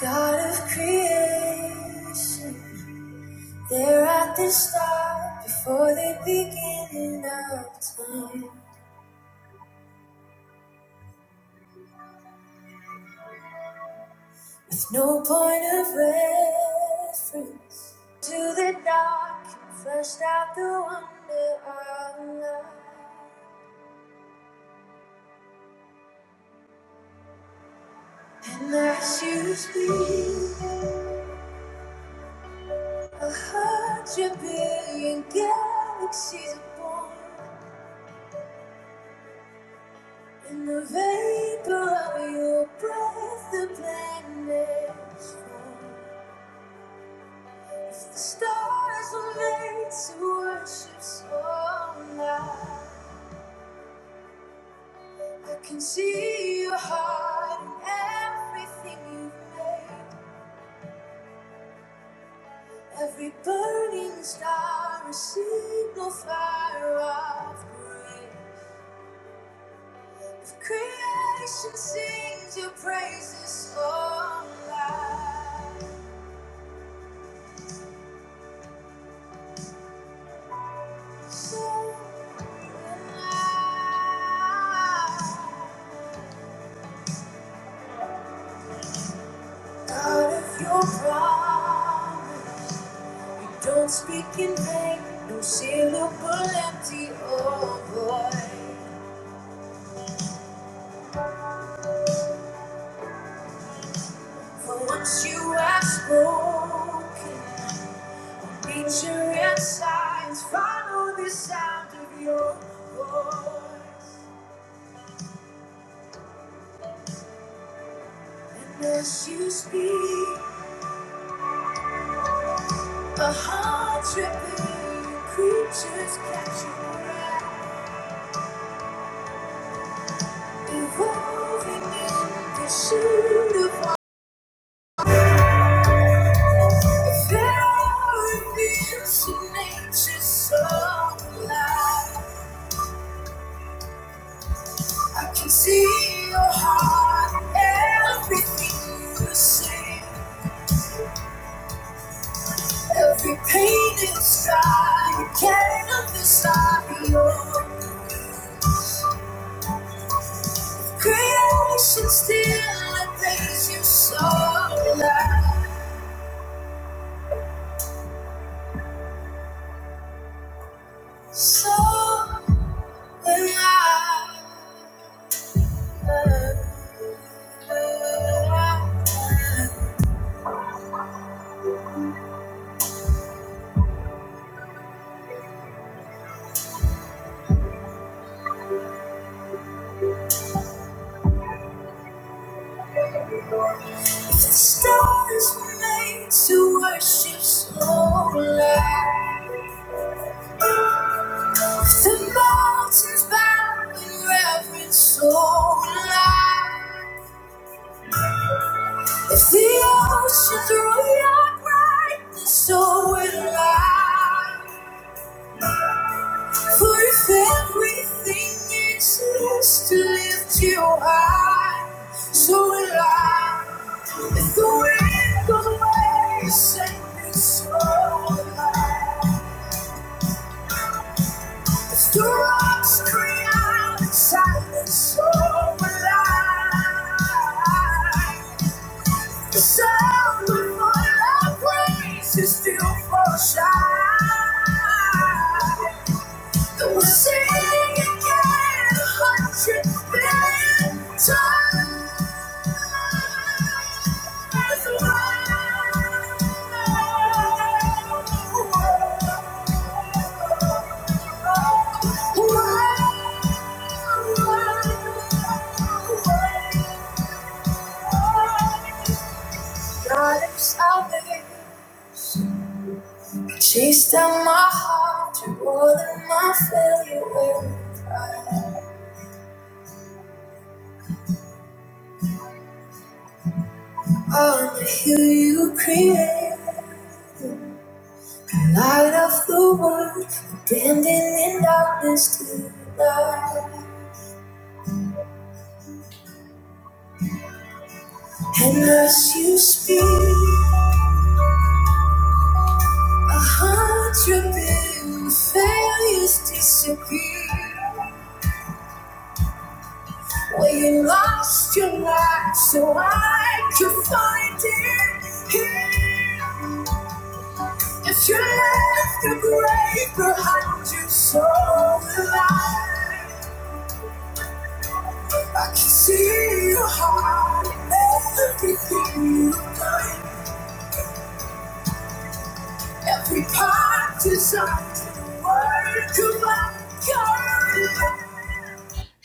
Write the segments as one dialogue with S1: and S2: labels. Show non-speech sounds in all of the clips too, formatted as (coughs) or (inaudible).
S1: God of creation, they're at the start before the beginning of time. With no point of reference to the dark and fleshed out the wonder of life. And as you speak, a hundred billion galaxies are born. In the vapor of your breath, the planets fall. If the stars were made to worship so loud, I can see your heart in everything you've made. Every burning star, a signal fire of grace. If creation sings your praises so loud. God of your promise, we don't speak in vain, no syllable empty or void. For once you have spoken, nature and signs follow the sound of your voice. And as you speak, a hundred billion creatures catch your breath. Involving in pursuit of if there are events in nature's supply, I can see your heart, everything you say, every pain inside, you can't understand your creation still and praise you so alive, so alive. If the stars were made to worship slowly, if the mountains bow in reverence so loud, if the oceans roar your brightness so will I. For if everything exists to lift you high, so will I. If the wind goes away, you send me so will I. If the rocks cry out in silence, so will I. The sound of my praise is still for shine. We'll sing again a hundred million times. God of salvation, chase down my heart to more than my failure will. cry. On the hill you create, light of the world, bending in darkness to light. And as you speak, a hundred billion failures disappear. Where you lost your life, so I could find it here. If you left the grave behind you, so alive. I can see your heart in everything you've done. Every part is up. Work of my God.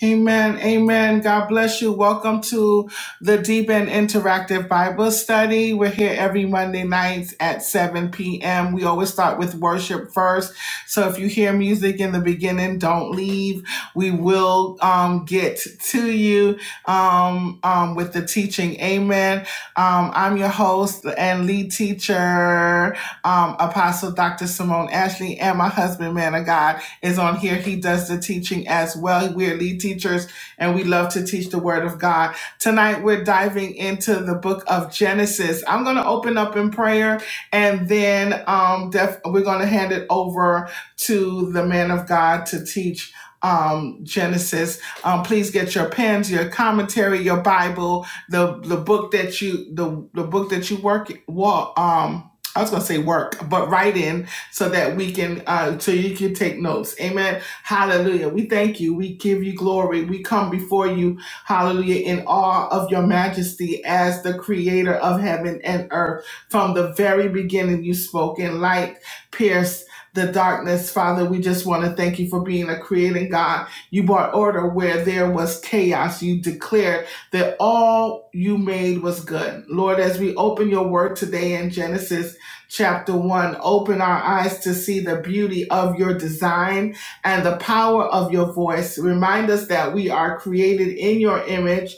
S1: Amen. Amen. God bless you. Welcome to the Deep and Interactive Bible Study. We're here every Monday nights at 7 p.m. We always start with worship first. So if you hear music in the beginning, don't leave. We will um, get to you um, um, with the teaching. Amen. Um, I'm your host and lead teacher, um, Apostle Dr. Simone Ashley, and my husband, man of God is on here. He does the teaching as well. We're lead teachers and we love to teach the word of God. Tonight we're diving into the book of Genesis. I'm going to open up in prayer and then um, def- we're going to hand it over to the man of God to teach um genesis um please get your pens your commentary your bible the the book that you the the book that you work Well, um I was gonna say work, but writing so that we can uh so you can take notes amen hallelujah we thank you we give you glory we come before you hallelujah in awe of your majesty as the creator of heaven and earth from the very beginning you spoke and light pierced the darkness, Father, we just want to thank you for being a creating God. You brought order where there was chaos. You declared that all you made was good. Lord, as we open your word today in Genesis, chapter 1 open our eyes to see the beauty of your design and the power of your voice remind us that we are created in your image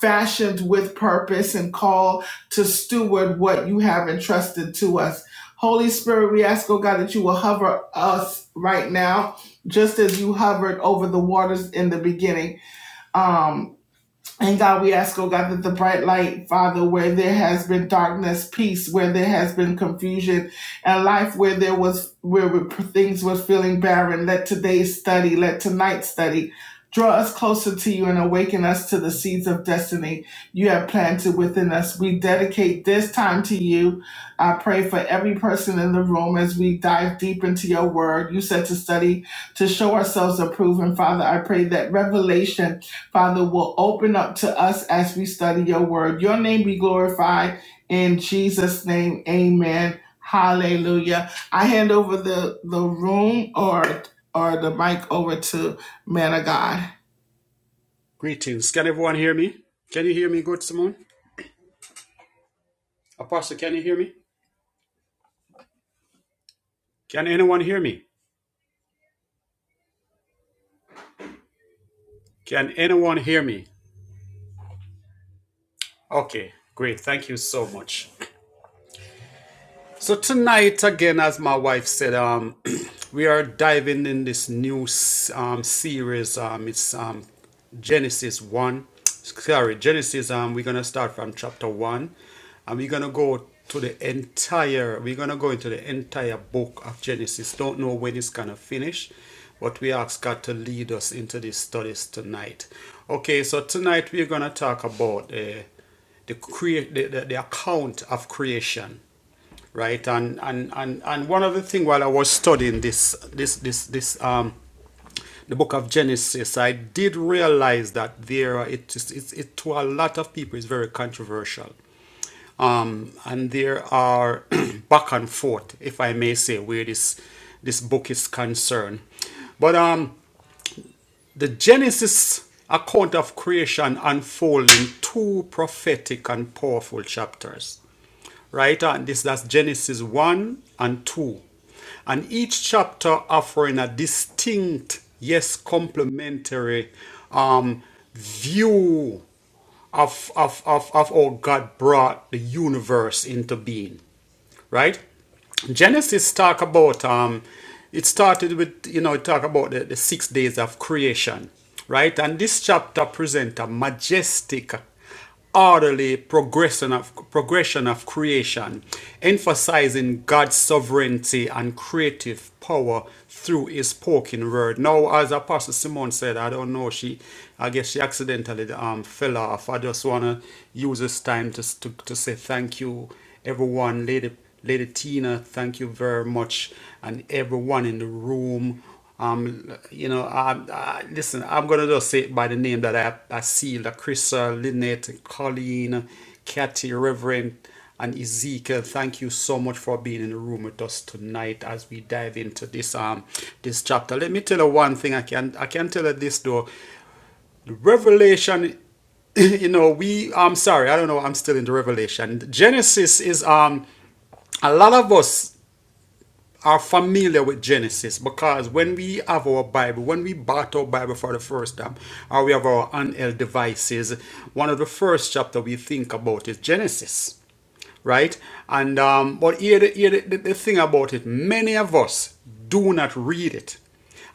S1: fashioned with purpose and called to steward what you have entrusted to us holy spirit we ask oh god that you will hover us right now just as you hovered over the waters in the beginning Um. And God, we ask, oh God, that the bright light, Father, where there has been darkness, peace, where there has been confusion, and life where there was, where things were feeling barren, let today's study, let tonight's study draw us closer to you and awaken us to the seeds of destiny you have planted within us. We dedicate this time to you. I pray for every person in the room as we dive deep into your word. You said to study, to show ourselves approved. And Father, I pray that revelation Father, will open up to us as we study your word. Your name be glorified in Jesus' name. Amen. Hallelujah. I hand over the, the room or or the mic over to man of God.
S2: Greetings. Can everyone hear me? Can you hear me, good Simone? Apostle, can you hear me? Can anyone hear me? Can anyone hear me? Okay, great. Thank you so much. So tonight, again, as my wife said, um, (clears throat) we are diving in this new s- um, series. Um, it's um, Genesis one. Sorry, Genesis. Um, we're gonna start from chapter one, and we're gonna go to the entire. We're gonna go into the entire book of Genesis. Don't know when it's gonna finish, but we ask God to lead us into these studies tonight. Okay, so tonight we're gonna talk about uh, the, crea- the, the the account of creation right? And and and and one other thing while I was studying this this this this um the book of Genesis, I did realize that there are- it is it's it to a lot of people is very controversial. Um, and there are (clears throat) back and forth, if I may say, where this this book is concerned. But um, the Genesis account of creation unfolds in two prophetic and powerful chapters. Right? And this that's Genesis 1 and 2. And each chapter offering a distinct, yes, complementary um, view of, of, of, of how God brought the universe into being right? Genesis talk about um, it started with you know it talk about the, the six days of creation, right? And this chapter presents a majestic, orderly progression of progression of creation, emphasizing God's sovereignty and creative power through His spoken word. Now, as Apostle Simone said, I don't know she, I guess she accidentally um fell off. I just wanna use this time to to, to say thank you everyone, Lady, Lady Tina, thank you very much, and everyone in the room. Um, you know, I, I, listen, I'm gonna just say it by the name that I, I see: La Crystal, Lynette, Colleen, Kathy, Reverend, and Ezekiel. Thank you so much for being in the room with us tonight as we dive into this um this chapter. Let me tell you one thing. I can I can tell you this though. The Revelation, (laughs) you know, we, I'm sorry, I don't know, I'm still in the Revelation. Genesis is, um, a lot of us are familiar with Genesis because when we have our Bible, when we bought our Bible for the first time, or we have our handheld devices, one of the first chapter we think about is Genesis right? And um, but here, the, here the, the thing about it, many of us do not read it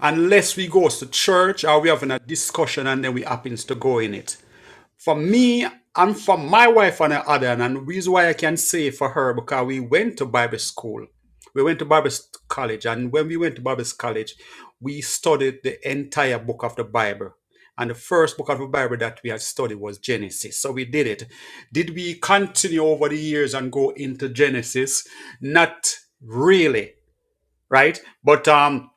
S2: unless we goes to church or we having a discussion and then we happens to go in it. For me and for my wife and her other, and the reason why I can say for her because we went to Bible school, we went to Bible college, and when we went to Bible college, we studied the entire book of the Bible and the first book of the Bible that we had studied was Genesis. So we did it. Did we continue over the years and go into Genesis? Not really, right? But um,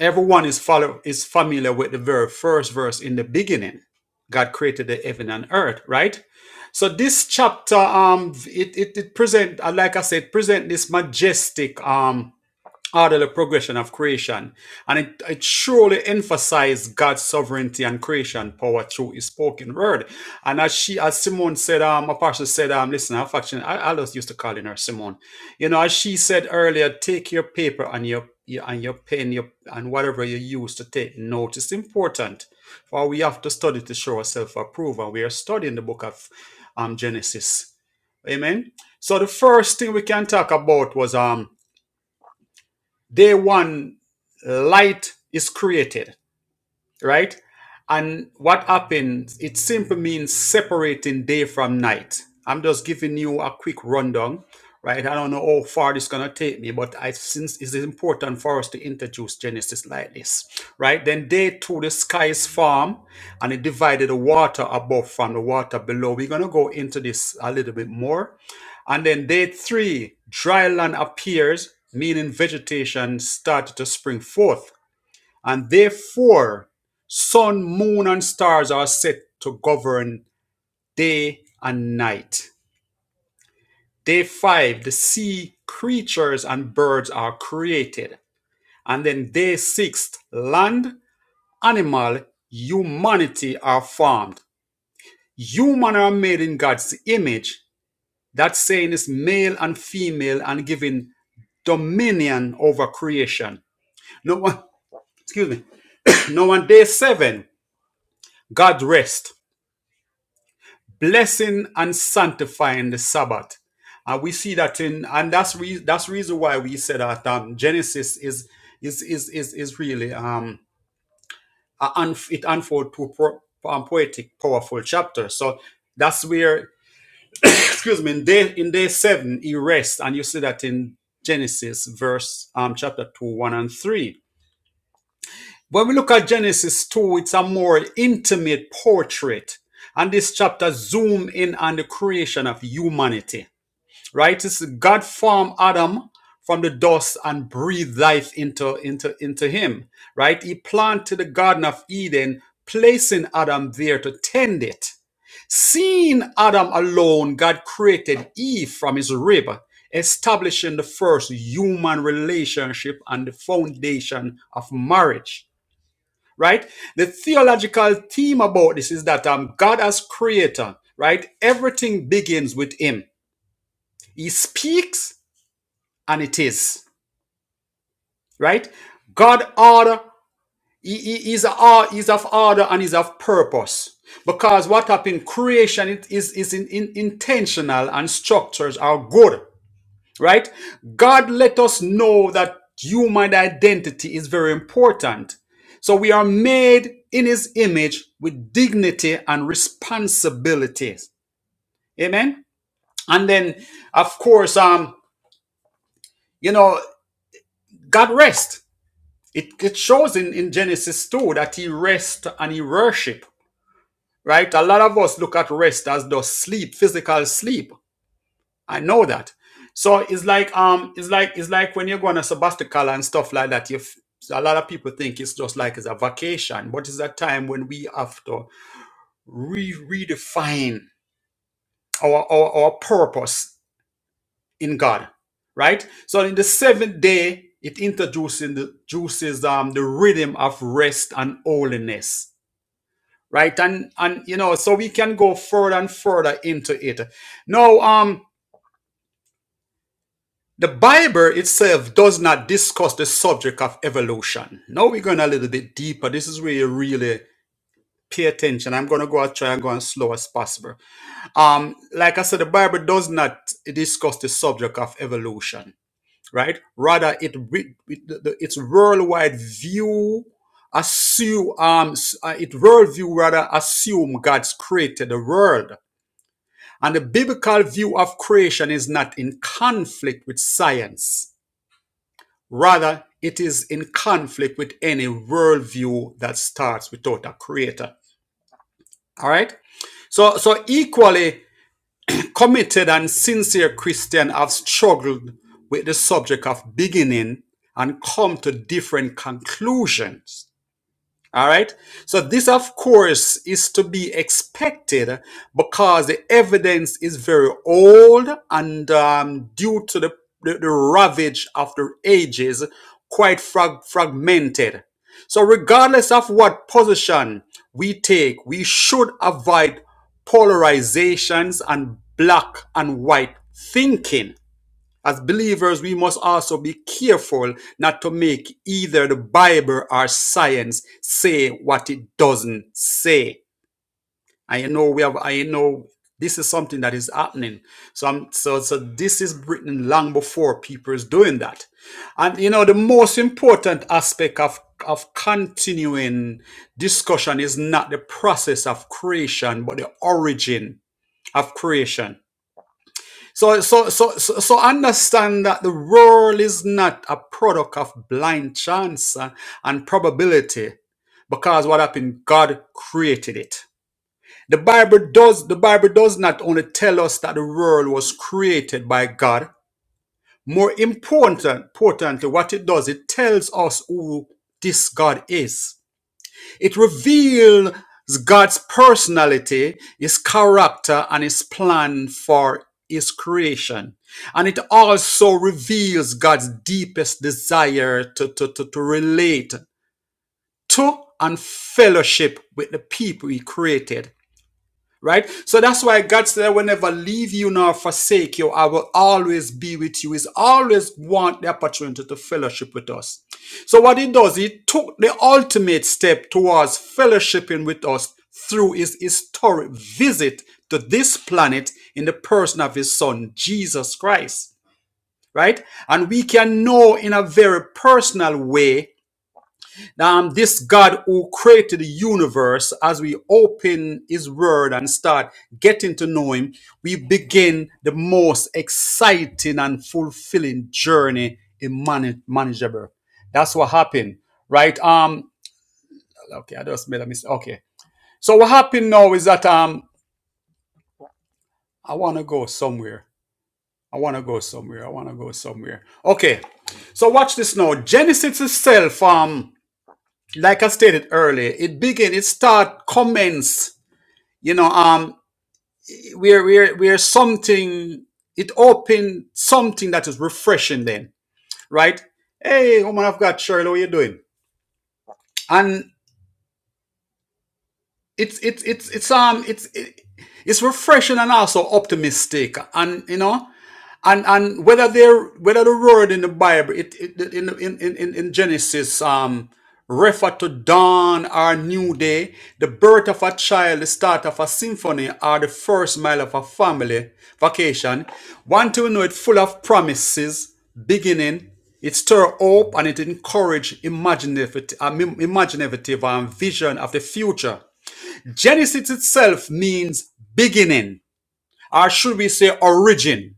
S2: everyone is follow is familiar with the very first verse in the beginning. God created the heaven and earth, right? So this chapter, um, it it, it present, uh, like I said, present this majestic, um orderly progression of creation, and it, it surely emphasized God's sovereignty and creation power through His spoken word. And as she, as Simone said, um, Apostle said, um, listen, I actually, I, I just used to calling her Simone. You know, as she said earlier, take your paper and your, your and your pen, your and whatever you use to take note. It's important, for we have to study to show ourselves approved, and we are studying the book of um Genesis. Amen. So the first thing we can talk about was um Day one, light is created right? And what happens, it simply means separating day from night. I'm just giving you a quick rundown, right? I don't know how far this is going to take me, but I since it's important for us to introduce Genesis like this, right? Then day two, the sky is formed and it divided the water above from the water below. We're going to go into this a little bit more. And then day three, dry land appears, meaning vegetation started to spring forth and therefore, sun, moon, and stars are set to govern day and night. Day five, the sea creatures and birds are created. And then day six, land, animal, humanity are formed. Human are made in God's image. That saying is male and female and given dominion over creation. No one, excuse me. Now on day seven, God rest blessing and sanctifying the Sabbath. And we see that in, and that's re- that's reason why we said that um, Genesis is is is is is really um a it unfolds to pro- um, poetic, powerful chapter. So that's where, excuse me, in day in day seven he rests, and you see that in Genesis verse um chapter two, one and three. When we look at Genesis two, it's a more intimate portrait, and this chapter zoom in on the creation of humanity right? It's God formed Adam from the dust and breathed life into into into him, right? He planted the Garden of Eden, placing Adam there to tend it. Seeing Adam alone, God created Eve from his rib, establishing the first human relationship and the foundation of marriage. Right? The theological theme about this is that um, God as creator, right? Everything begins with him. He speaks and it is right god order he, is, is of order and is of purpose because what happened creation it is, is in, in, intentional and structures are good right god let us know that human identity is very important so we are made in his image with dignity and responsibilities amen and then of course um you know god rest It, it shows in, in Genesis 2 that he rest and he worship, right? A lot of us look at rest as the sleep, physical sleep. I know that. So it's like um, it's like it's like when you go on a sabbatical and stuff like that. You, a lot of people think it's just like it's a vacation, but it's a time when we have to re- redefine our, our our purpose in God, right? So in the seventh day, it introduces the juices um the rhythm of rest and holiness right and and you know so we can go further and further into it now um the bible itself does not discuss the subject of evolution now we're going a little bit deeper this is where you really pay attention i'm going to go out try and go as slow as possible um like i said the bible does not discuss the subject of evolution right rather it, its worldwide view assume um s- uh, it worldview rather assume god's created the world And the biblical view of creation is not in conflict with science. Rather, it is in conflict with any worldview that starts without a creator. All right? So, so equally committed and sincere Christians have struggled with the subject of beginning and come to different conclusions. All right. So this, of course, is to be expected because the evidence is very old and um, due to the, the, the ravage of the ages, quite frag- fragmented. So regardless of what position we take, we should avoid polarizations and black and white thinking as believers, we must also be careful not to make either the Bible or science say what it doesn't say. I know we have, I know this is something that is happening. So, I'm, so, so this is written long before people is doing that. And you know, the most important aspect of, of continuing discussion is not the process of creation, but the origin of creation so, so, so, so, so understand that the world is not a product of blind chance uh, and probability, because what happened? God created it. The Bible does, the Bible does not only tell us that the world was created by God. More important, importantly, what it does, it tells us who this God is. It reveals God's personality, His character, and His plan for His creation. And it also reveals God's deepest desire to, to, to, to relate to and fellowship with the people He created Right? So that's why God said, I will never leave you nor forsake you. I will always be with you. He's always want the opportunity to fellowship with us. So what he does, he took the ultimate step towards fellowshipping with us through his historic visit to this planet in the person of his son, Jesus Christ. Right? And we can know in a very personal way um, this God who created the universe, as we open His Word and start getting to know Him, we begin the most exciting and fulfilling journey in man- manageable. That's what happened, right? Um, okay, I just made a mistake. Okay, so what happened now is that um, I want to go somewhere. I want to go somewhere. I want to go somewhere. Okay, so watch this now. Genesis itself, um, like I stated earlier, it begin. It start commence. you know um we're we're we're something it opened something that is refreshing then right hey woman I've got, shirley what you doing and it's it's it's it's um it's it, it's refreshing and also optimistic and you know and and whether they're whether the word in the bible it, it in, in in in genesis um refer to dawn or new day the birth of a child the start of a symphony or the first mile of a family vacation want to know it full of promises beginning it stir hope and it encourage imaginative, um, imaginative um, vision of the future Genesis itself means beginning, or should we say origin.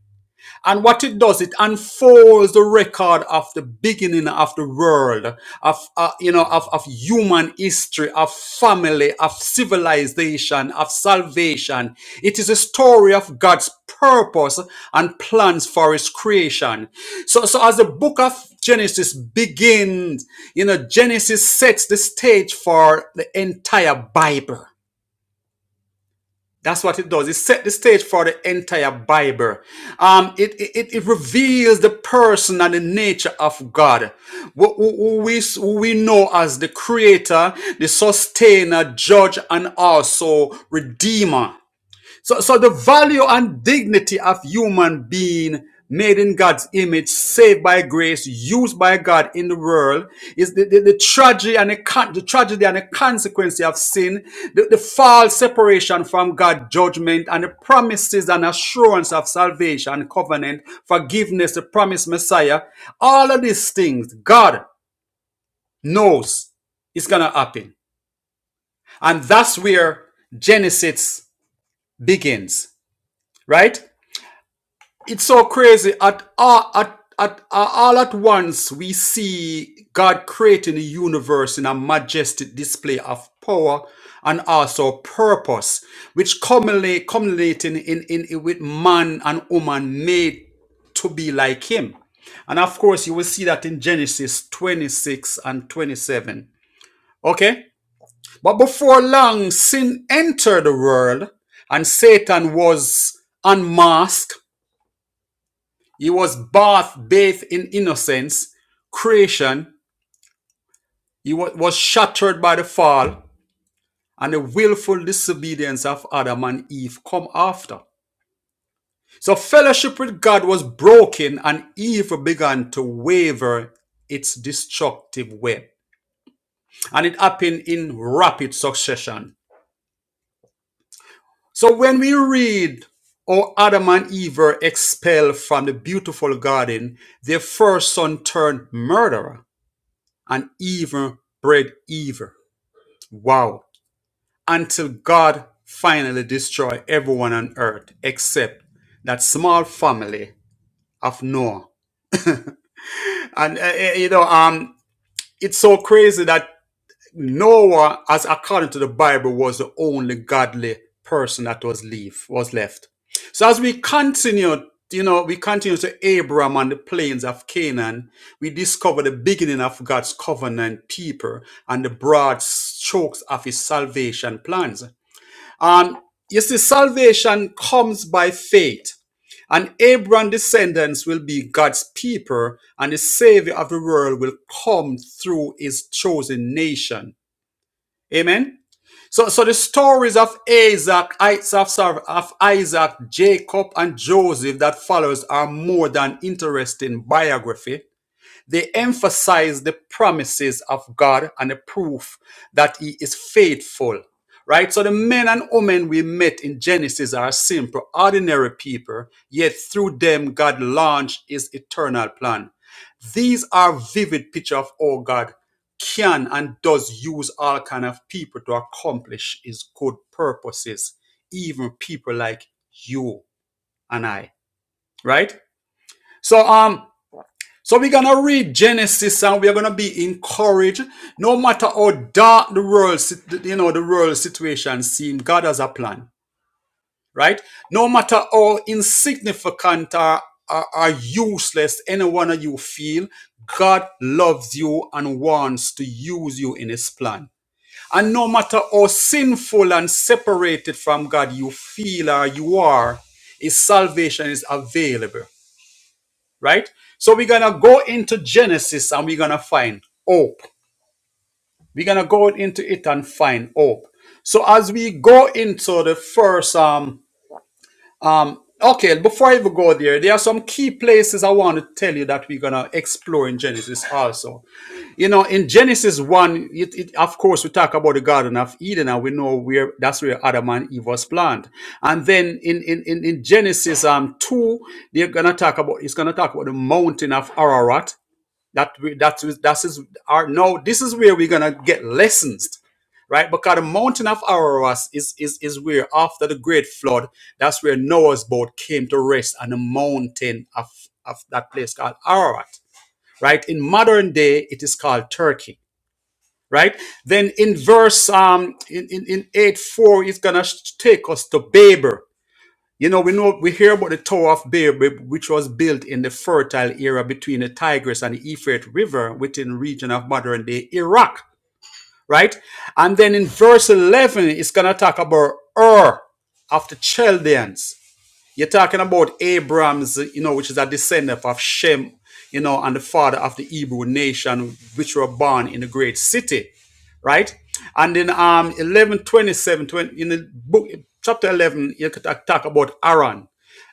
S2: And what it does, it unfolds the record of the beginning of the world, of uh, you know, of, of human history, of family, of civilization, of salvation. It is a story of God's purpose and plans for His creation. So, so as the book of Genesis begins, you know, Genesis sets the stage for the entire Bible. That's what it does. It set the stage for the entire Bible. Um, it, it, it reveals the person and the nature of God, who, who- we, who we know as the creator, the sustainer, judge, and also redeemer. So, so the value and dignity of human being made in God's image, saved by grace, used by God in the world, is the, the, the tragedy and the, the tragedy and the consequence of sin, the, the false separation from God, judgment, and the promises and assurance of salvation, covenant, forgiveness, the promised Messiah. All of these things, God knows it's gonna happen. And that's where Genesis begins, right? it's so crazy at all at, at at all at once we see god creating the universe in a majestic display of power and also purpose which commonly culminating in, in, in with man and woman made to be like him and of course you will see that in genesis 26 and 27 okay but before long sin entered the world and satan was unmasked he was bathed, bathed in innocence, creation. He was shattered by the fall and the willful disobedience of Adam and Eve come after. So fellowship with God was broken and evil began to waver its destructive web. And it happened in rapid succession. So when we read how Adam and Eve were expelled from the beautiful garden, their first son turned murderer and even bred evil. Wow. Until God finally destroyed everyone on earth except that small family of Noah. And uh, uh, you know, um, it's so crazy that Noah, as according to the Bible, was the only godly person that was leave was left. So as we continue, you know, we continue to Abram on the plains of Canaan, we discover the beginning of God's covenant people and the broad strokes of his salvation plans. Um, you see, salvation comes by faith. And Abraham's descendants will be God's people, and the Savior of the world will come through his chosen nation. Amen. So, so the stories of Isaac, of, of Isaac, Jacob, and Joseph that follows are more than interesting biography. They emphasize the promises of God and the proof that He is faithful. Right? So the men and women we met in Genesis are simple, ordinary people, yet through them God launched his eternal plan. These are vivid picture of how God can and does use all kind of people to accomplish his good purposes, even people like you and I. Right? So um so we're gonna read Genesis and we're gonna be encouraged. No matter how dark the world you know the world situation seems, God has a plan right? No matter how insignificant or, or, or useless any one of you feel, God loves you and wants to use you in His plan. And no matter how sinful and separated from God you feel or you are, His salvation is available, right? So we're going to go into Genesis and we're going to find hope. We're going to go into it and find hope. So as we go into the first um, Okay, before I even go there, there are some key places I want to tell you that we're gonna explore in Genesis also. You know, in Genesis one, it, it, of course we talk about the Garden of Eden, and we know where that's where Adam and Eve was planted. And then in in in, in Genesis um two, they're gonna talk about it's gonna talk about the mountain of Ararat, that we, that is that is our no. This is where we're gonna get lessons, right? Because the mountain of Ararat is is is where after the great flood, that's where Noah's boat came to rest on the mountain of of that place called Ararat, right? In modern day, it is called Turkey, right? Then in verse um in in, in eight four, it's gonna take us to Babel you know, we know we hear about the Tower of Babel, which was built in the fertile era between the Tigris and the Euphrates River within the region of modern day Iraq, right? And then in verse 11, it's going to talk about Ur of the Chaldeans. You're talking about Abraham's, you know, which is a descendant of Shem, you know, and the father of the Hebrew nation, which were born in a great city right? And in um 11, twenty-seven, twenty, in the book, chapter 11, you could talk about Aaron.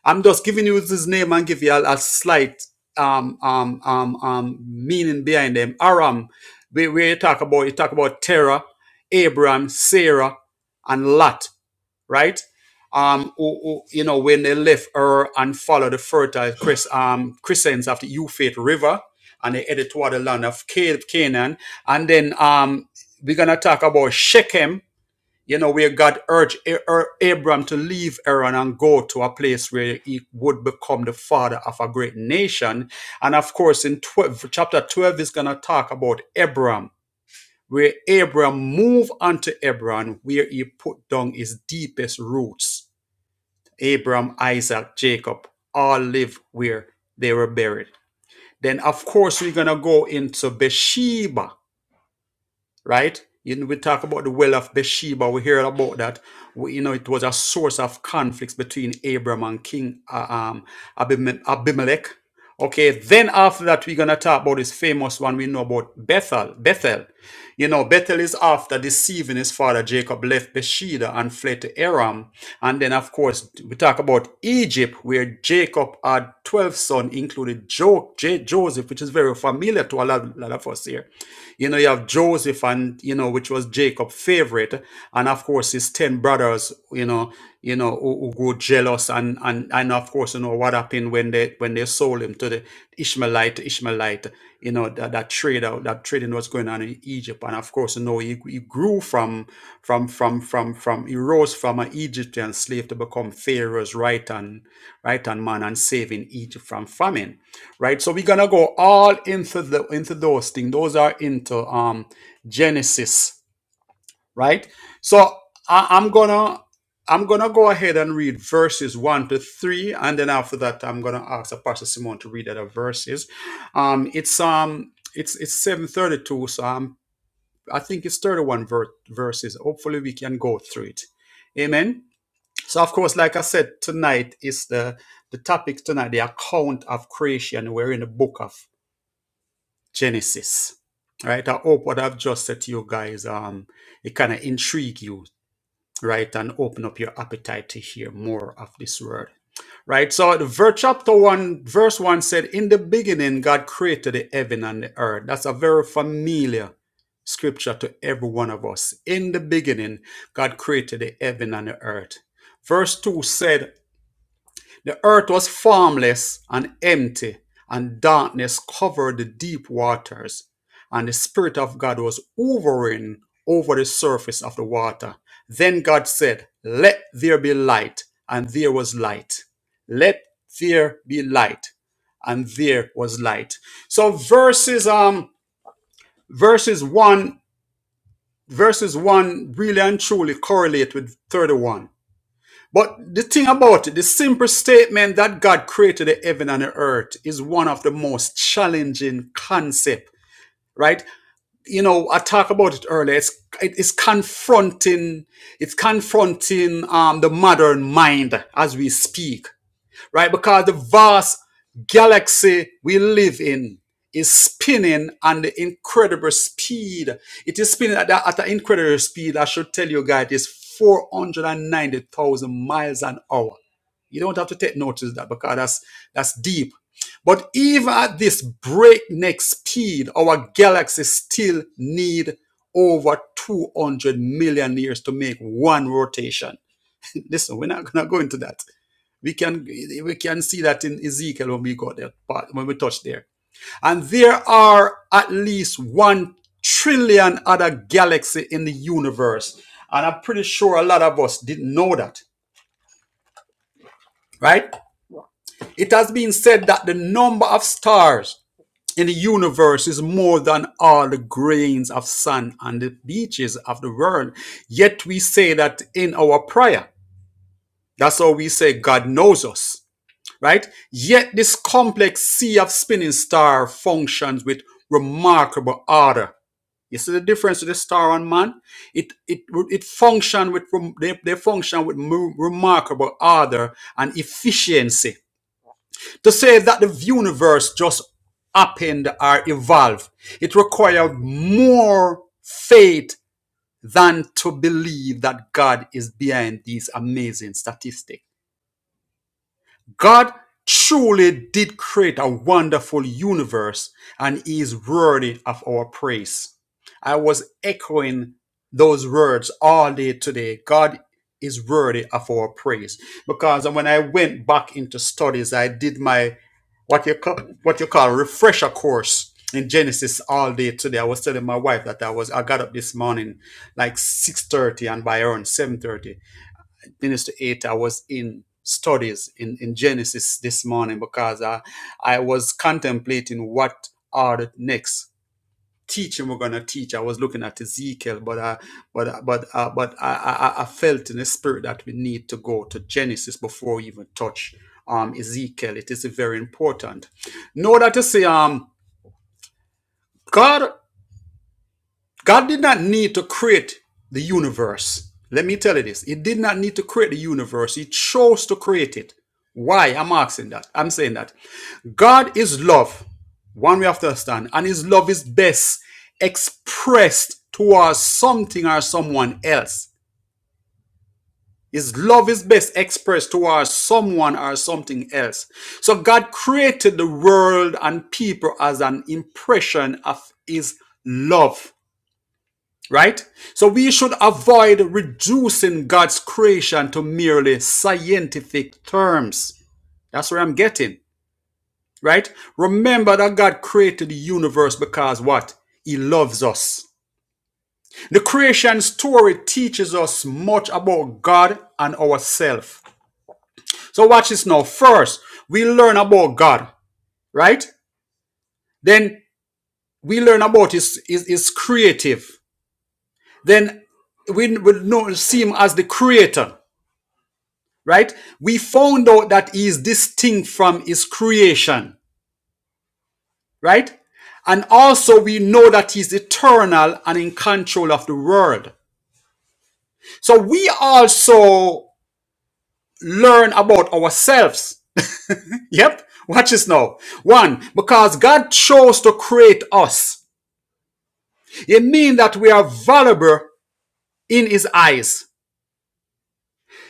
S2: I'm just giving you his name and give you a, a slight um, um, um, um, meaning behind them. Aram, where, where you talk about, you talk about Terah, Abraham, Sarah, and Lot right? Um, who, who, you know, when they left her and followed the fertile Chris, um, Christians of the Euphrates River, and they headed toward the land of Ca- Canaan. And then um, we're gonna talk about Shechem, you know, where God urged A- A- Abram to leave Aaron and go to a place where he would become the father of a great nation. And of course, in 12, chapter 12 is gonna talk about Abram where Abram moved unto Hebron, where he put down his deepest roots. Abram, Isaac, Jacob all live where they were buried. Then, of course, we're going to go into Bathsheba, right? You know, we talk about the well of Bathsheba. We hear about that. We, you know, it was a source of conflicts between Abram and King uh, um, Abime- Abimelech. Okay, then after that, we're gonna talk about this famous one we know about Bethel. Bethel, you know, Bethel is after deceiving his father Jacob left Bathsheba and fled to Aram, and then of course we talk about Egypt, where Jacob had twelve sons, including jo- J- Joseph, which is very familiar to a lot, lot of us here you know, you have Joseph and, you know, which was Jacob's favorite. And of course, his 10 brothers, you know, you know, who, who go jealous. And, and, and of course, you know, what happened when they, when they sold him to the Ishmaelite, Ishmaelite, you know, that, that trade, uh, that trading was going on in Egypt. And of course, you know, he, he grew from, from, from, from, from, he rose from an Egyptian slave to become Pharaoh's right hand, right hand man and saving Egypt from famine right so we're gonna go all into the into those things those are into um genesis right so I, i'm gonna i'm gonna go ahead and read verses one to three and then after that i'm gonna ask Pastor simon to read other verses um it's um it's it's 732 so i'm i think it's 31 ver- verses hopefully we can go through it amen so of course like i said tonight is the the topic tonight the account of creation we're in the book of Genesis, right? I hope what I've just said to you guys, um, it kind of intrigue you, right, and open up your appetite to hear more of this word, right? So, the verse chapter one, verse one said, "In the beginning, God created the heaven and the earth." That's a very familiar scripture to every one of us. In the beginning, God created the heaven and the earth. Verse two said. The earth was formless and empty, and darkness covered the deep waters. And the Spirit of God was hovering over the surface of the water. Then God said, Let there be light, and there was light. Let there be light, and there was light. So verses um verses one verses one really and truly correlate with 31 but the thing about it, the simple statement that God created the heaven and the earth is one of the most challenging concept, right? You know, I talked about it earlier. It's it's confronting, it's confronting um, the modern mind as we speak right? Because the vast galaxy we live in is spinning on the incredible speed. It is spinning at, the- at an incredible speed. I should tell you guys, it's 490,000 miles an hour. You don't have to take notice of that because that's that's deep. But even at this breakneck speed, our galaxy still need over 200 million years to make one rotation. (laughs) Listen, we're not going to go into that. We can we can see that in Ezekiel when we got that part, when we touched there. And there are at least one trillion other galaxies in the universe. And I'm pretty sure a lot of us didn't know that, right? It has been said that the number of stars in the universe is more than all the grains of sand on the beaches of the world. Yet we say that in our prayer. That's how we say God knows us. right? Yet this complex sea of spinning star functions with remarkable order. You see the difference to the star and man? It it it function with they, they function with remarkable order and efficiency. To say that the universe just happened or evolved, it required more faith than to believe that God is behind these amazing statistics. God truly did create a wonderful universe and he is worthy of our praise. I was echoing those words all day today. God is worthy of our praise. Because when I went back into studies, I did my what you call what you call refresher course in Genesis all day today. I was telling my wife that I was I got up this morning like 6:30 and by around 7:30 finished eight hours in studies in, in Genesis this morning because I, I was contemplating what are the next teaching we're gonna teach. I was looking at Ezekiel, but I but but uh, but I, I I felt in the spirit that we need to go to Genesis before we even touch um Ezekiel. It is very important. Know that to say um God God did not need to create the universe. Let me tell you this. He did not need to create the universe. He chose to create it. Why? I'm asking that. I'm saying that. God is love. One we have to understand. And his love is best expressed towards something or someone else. His love is best expressed towards someone or something else. So God created the world and people as an impression of his love right? So we should avoid reducing God's creation to merely scientific terms. That's where I'm getting, right? Remember that God created the universe because what? He loves us. The creation story teaches us much about God and ourselves. So watch this now. First, we learn about God, right? Then we learn about his, his, his creative. Then we will know, see him as the creator right? We found out that he is distinct from his creation, right? And also we know that he's eternal and in control of the world. So we also learn about ourselves. (laughs) Yep. Watch this now. One, because God chose to create us. It means that we are valuable in his eyes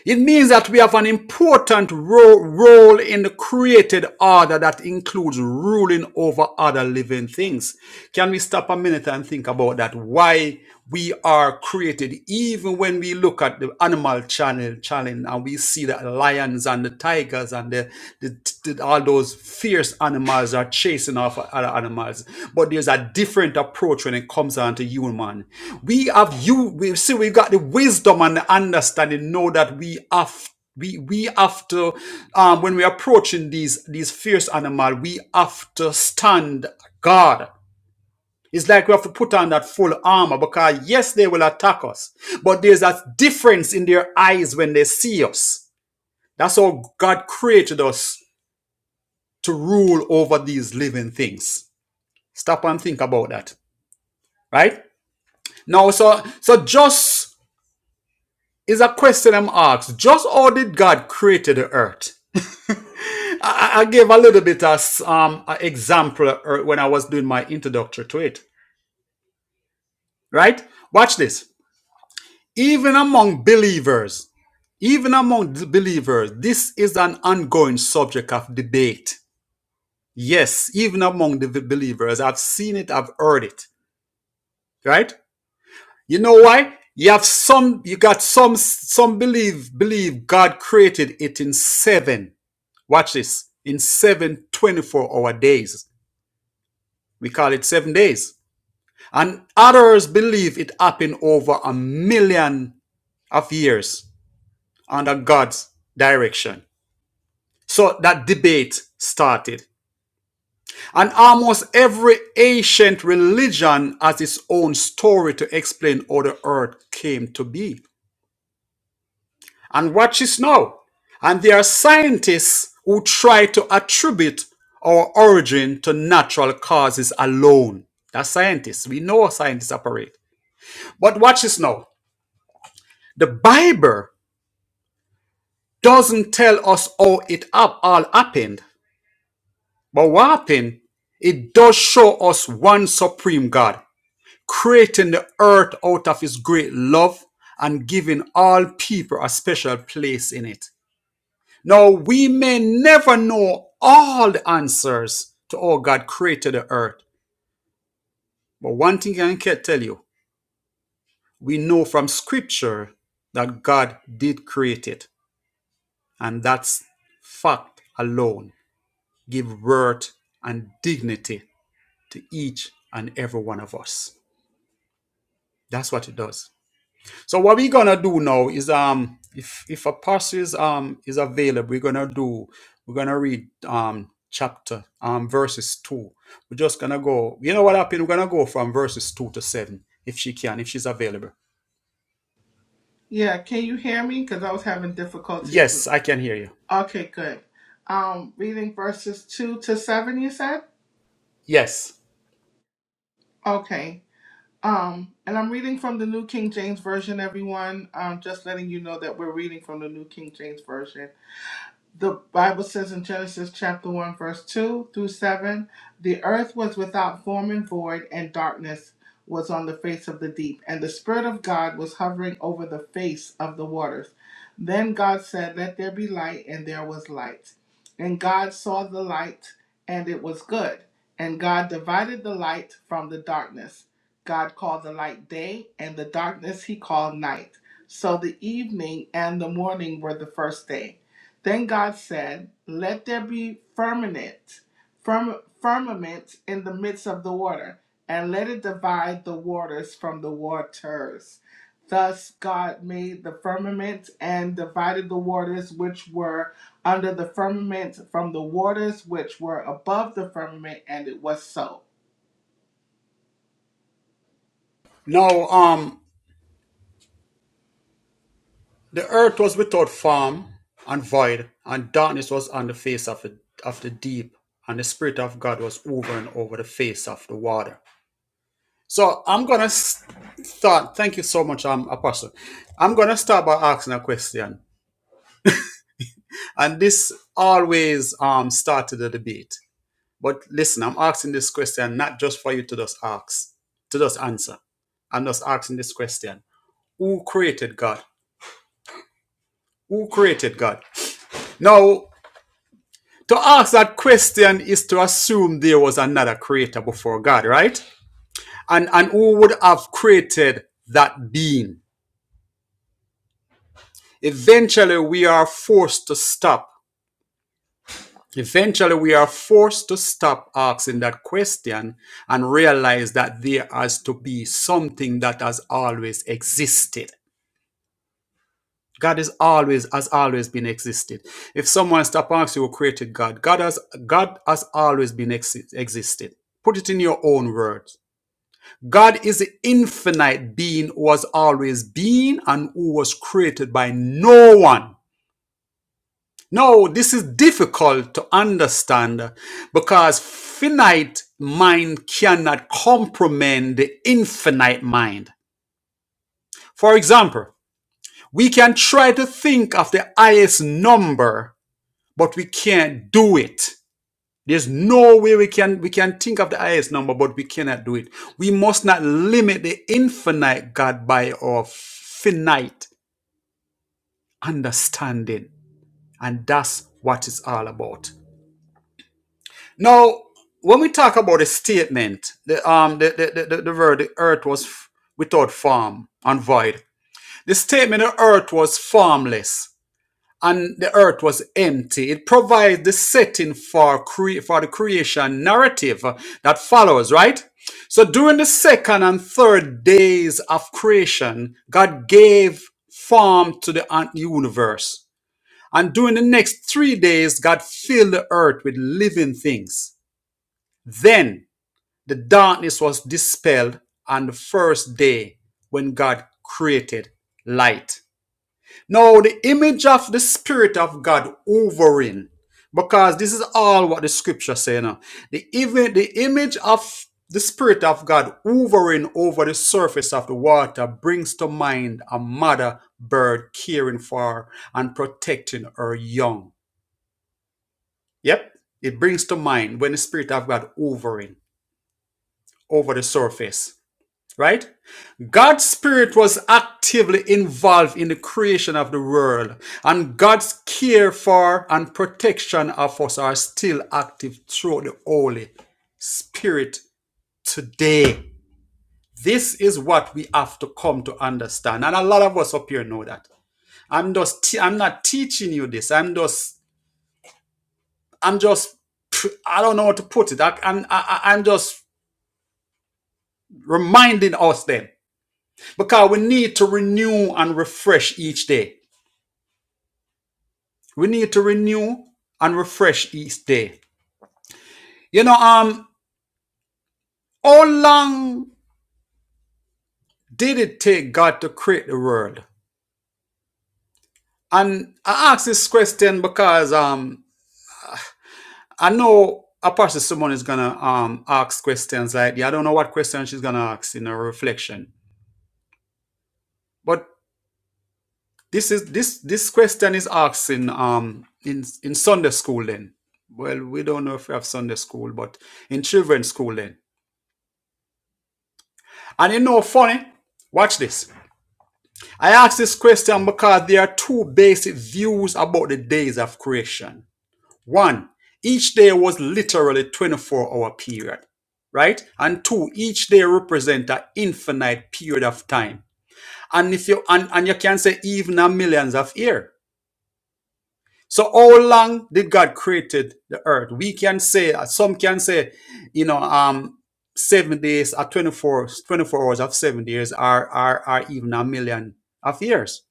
S2: It means that we have an important ro- role in the created order that includes ruling over other living things. Can we stop a minute and think about that? Why we are created, even when we look at the animal channel challenge and we see the lions and the tigers and the, the all those fierce animals are chasing off other animals but there's a different approach when it comes on to human we have you we see we got the wisdom and the understanding know that we have we we have to um when we're approaching these these fierce animal we have to stand guard it's like we have to put on that full armor because yes they will attack us but there's a difference in their eyes when they see us that's how god created us to rule over these living things. Stop and think about that. Right? Now, so so just is a question I'm asked. Just how did God create the earth? I, I gave a little bit as um an example uh, when I was doing my introductory to it. Right? Watch this. Even among believers, even among the believers, this is an ongoing subject of debate. Yes, even among the believers, I've seen it, I've heard it. Right? You know why? You have some, you got some, some believe, believe God created it in seven. Watch this. In seven twenty-four hour days. We call it seven days. And others believe it happened over a million of years under God's direction. So that debate started. And almost every ancient religion has its own story to explain how the earth came to be. And watch this now. And there are scientists who try to attribute our origin to natural causes alone. That's scientists. We know how scientists operate. But watch this now. The Bible doesn't tell us how it hap- all happened. But what happened, it does show us one supreme God, creating the earth out of his great love and giving all people a special place in it. Now, we may never know all the answers to how God created the earth, but one thing I can tell you we know from scripture that God did create it, and that's fact alone give worth and dignity to each and every one of us. That's what it does. So what we're gonna do now is um if if a passage um is available, we're gonna do we're gonna read um chapter um verses two. We're just gonna go. You know what happened? We're gonna go from verses two to seven if she can, if she's available.
S1: Yeah, can you hear me? Because I was having difficulties with
S2: Yes, I can hear you.
S1: Okay, good. Um reading verses two to seven, you said?
S2: Yes.
S1: Okay. Um, and I'm reading from the New King James Version, everyone. Um, just letting you know that we're reading from the New King James Version. The Bible says in Genesis chapter 1, verse 2 through 7 the earth was without form and void, and darkness was on the face of the deep, and the Spirit of God was hovering over the face of the waters. Then God said, Let there be light, and there was light. And God saw the light, and it was good. And God divided the light from the darkness. God called the light day, and the darkness he called night. So the evening and the morning were the first day. Then God said, Let there be firmament, firm, firmament in the midst of the water, and let it divide the waters from the waters. Thus God made the firmament and divided the waters which were under the firmament from the waters which were above the firmament, and it was so.
S2: Now um the earth was without form and void, and darkness was on the face of the of the deep, and the spirit of God was over and over the face of the water. So I'm gonna start. Thank you so much, um, Apostle. I'm gonna start by asking a question, and this always um started the debate. But listen, I'm asking this question not just for you to just ask, to just answer. I'm just asking this question: Who created God? Who created God? Now, to ask that question is to assume there was another creator before God, right? And and who would have created that being? Eventually, we are forced to stop. Eventually, we are forced to stop asking that question and realize that there has to be something that has always existed. God is always has always been existed. If someone stop asking you who created God, God has God has always been exi- existed. Put it in your own words. God is the infinite being who has always been and who was created by no one. No, this is difficult to understand because finite mind cannot comprehend the infinite mind. For example, we can try to think of the highest number, but we can't do it. There's no way we can we can think of the highest number, but we cannot do it. We must not limit the infinite God by our finite understanding. And that's what it's all about. Now, when we talk about the statement, the um, the the the, the, the word "the earth was f- without form and void. The statement the earth was formless and the earth was empty. It provides the setting for cre- for the creation narrative uh, that follows, right? So during the second and third days of creation, God gave form to the un- universe. And during the next three days, God filled the earth with living things. Then the darkness was dispelled on the first day when God created light. Now, the image of the Spirit of God hovering, because this is all what the scripture say now. The, even, the image of the Spirit of God hovering over the surface of the water brings to mind a mother bird caring for and protecting her young. Yep, it brings to mind when the Spirit of God hovering over the surface. right? God's spirit was actively involved in the creation of the world, and God's care for and protection of us are still active through the Holy Spirit today. This is what we have to come to understand, and a lot of us up here know that. I'm just, I'm not teaching you this. I'm just, I'm just, I don't know how to put it. I, I'm, I- I'm just reminding us then, because we need to renew and refresh each day We need to renew and refresh each day. You know, um, how long did it take God to create the world? And I ask this question because um I know Apostle Simone is gonna um ask questions like yeah, I don't know what question she's gonna ask in her reflection. But this is this this question is asked in um in in Sunday school then. Well, we don't know if we have Sunday school, but in children's school then. And you know funny, watch this. I ask this question because there are two basic views about the days of creation. One, each day was literally a 24 hour period, right? And two, each day represents an infinite period of time. And if you and, and you can say even a millions of years. So how long did God created the earth? We can say some can say, you know, um seven days or 24, 24 hours of seven days are are, are even a million of years.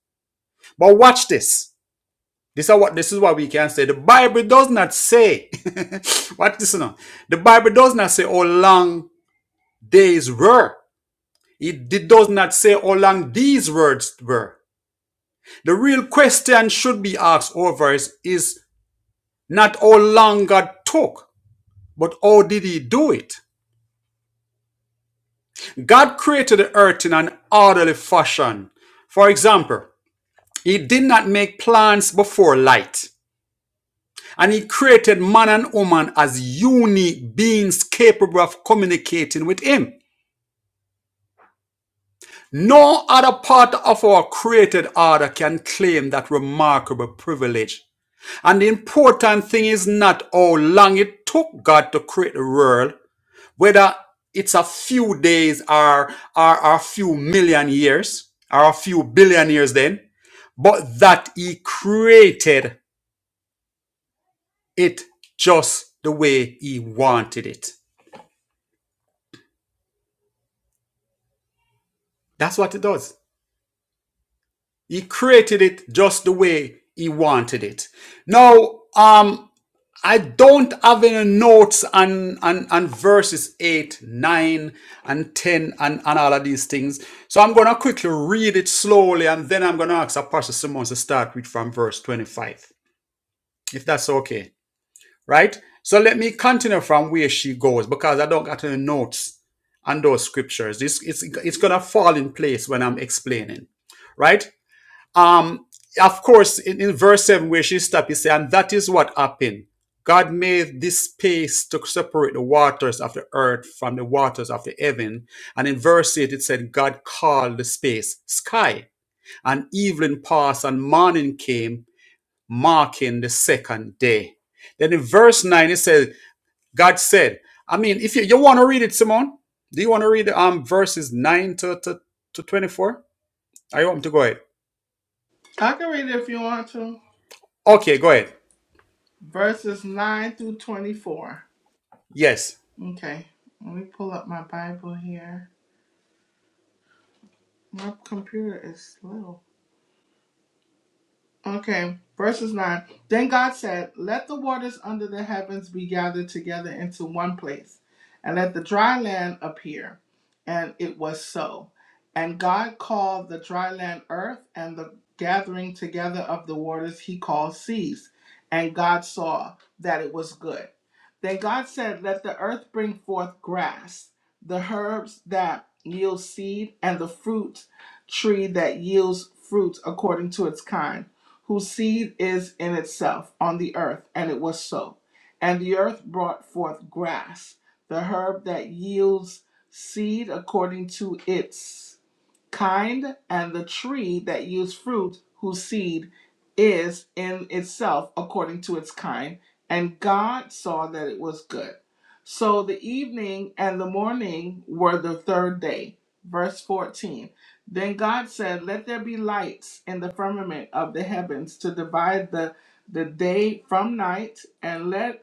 S2: But watch this. This is what this is what we can say. The Bible does not say. (laughs) watch this now. The Bible does not say how long days were. It, it does not say how long these words were. The real question should be asked over is, is not how long God took, but how did he do it? God created the earth in an orderly fashion. For example, he did not make plants before light. And he created man and woman as unique beings capable of communicating with him. No other part of our created order can claim that remarkable privilege. And the important thing is not how long it took God to create the world, whether it's a few days or, or, a few million years or a few billion years then, but that he created it just the way he wanted it. That's what it does. He created it just the way he wanted it. Now, um, I don't have any notes on, on, on verses 8, 9, and 10 and, and all of these things. So I'm going to quickly read it slowly and then I'm going to ask Apostle Simmons to start with from verse 25, if that's okay. Right? So let me continue from where she goes because I don't got any notes on those scriptures. It's it's, it's going to fall in place when I'm explaining right? Um, of course, in, in verse 7 where she stopped, he said, and that is what happened. God made this space to separate the waters of the earth from the waters of the heaven. And in verse 8, it said, God called the space sky. And evening passed and morning came, marking the second day. Then in verse 9, it says, God said, I mean, if you, you want to read it, Simone, do you want to read um verses 9 to, to, to 24? I want to go ahead.
S1: I can read it if you want to.
S2: Okay, go ahead.
S1: Verses 9 through 24.
S2: Yes.
S1: Okay, let me pull up my Bible here. My computer is slow. Okay, verses 9. Then God said, Let the waters under the heavens be gathered together into one place, and let the dry land appear. And it was so. And God called the dry land earth, and the gathering together of the waters he called seas. And God saw that it was good. Then God said, Let the earth bring forth grass, the herbs that yield seed, and the fruit tree that yields fruit according to its kind whose seed is in itself on the earth. And it was so. And the earth brought forth grass, the herb that yields seed according to its kind and the tree that yields fruit whose seed is in itself according to its kind and god saw that it was good so the evening and the morning were the third day verse 14 then god said let there be lights in the firmament of the heavens to divide the the day from night and let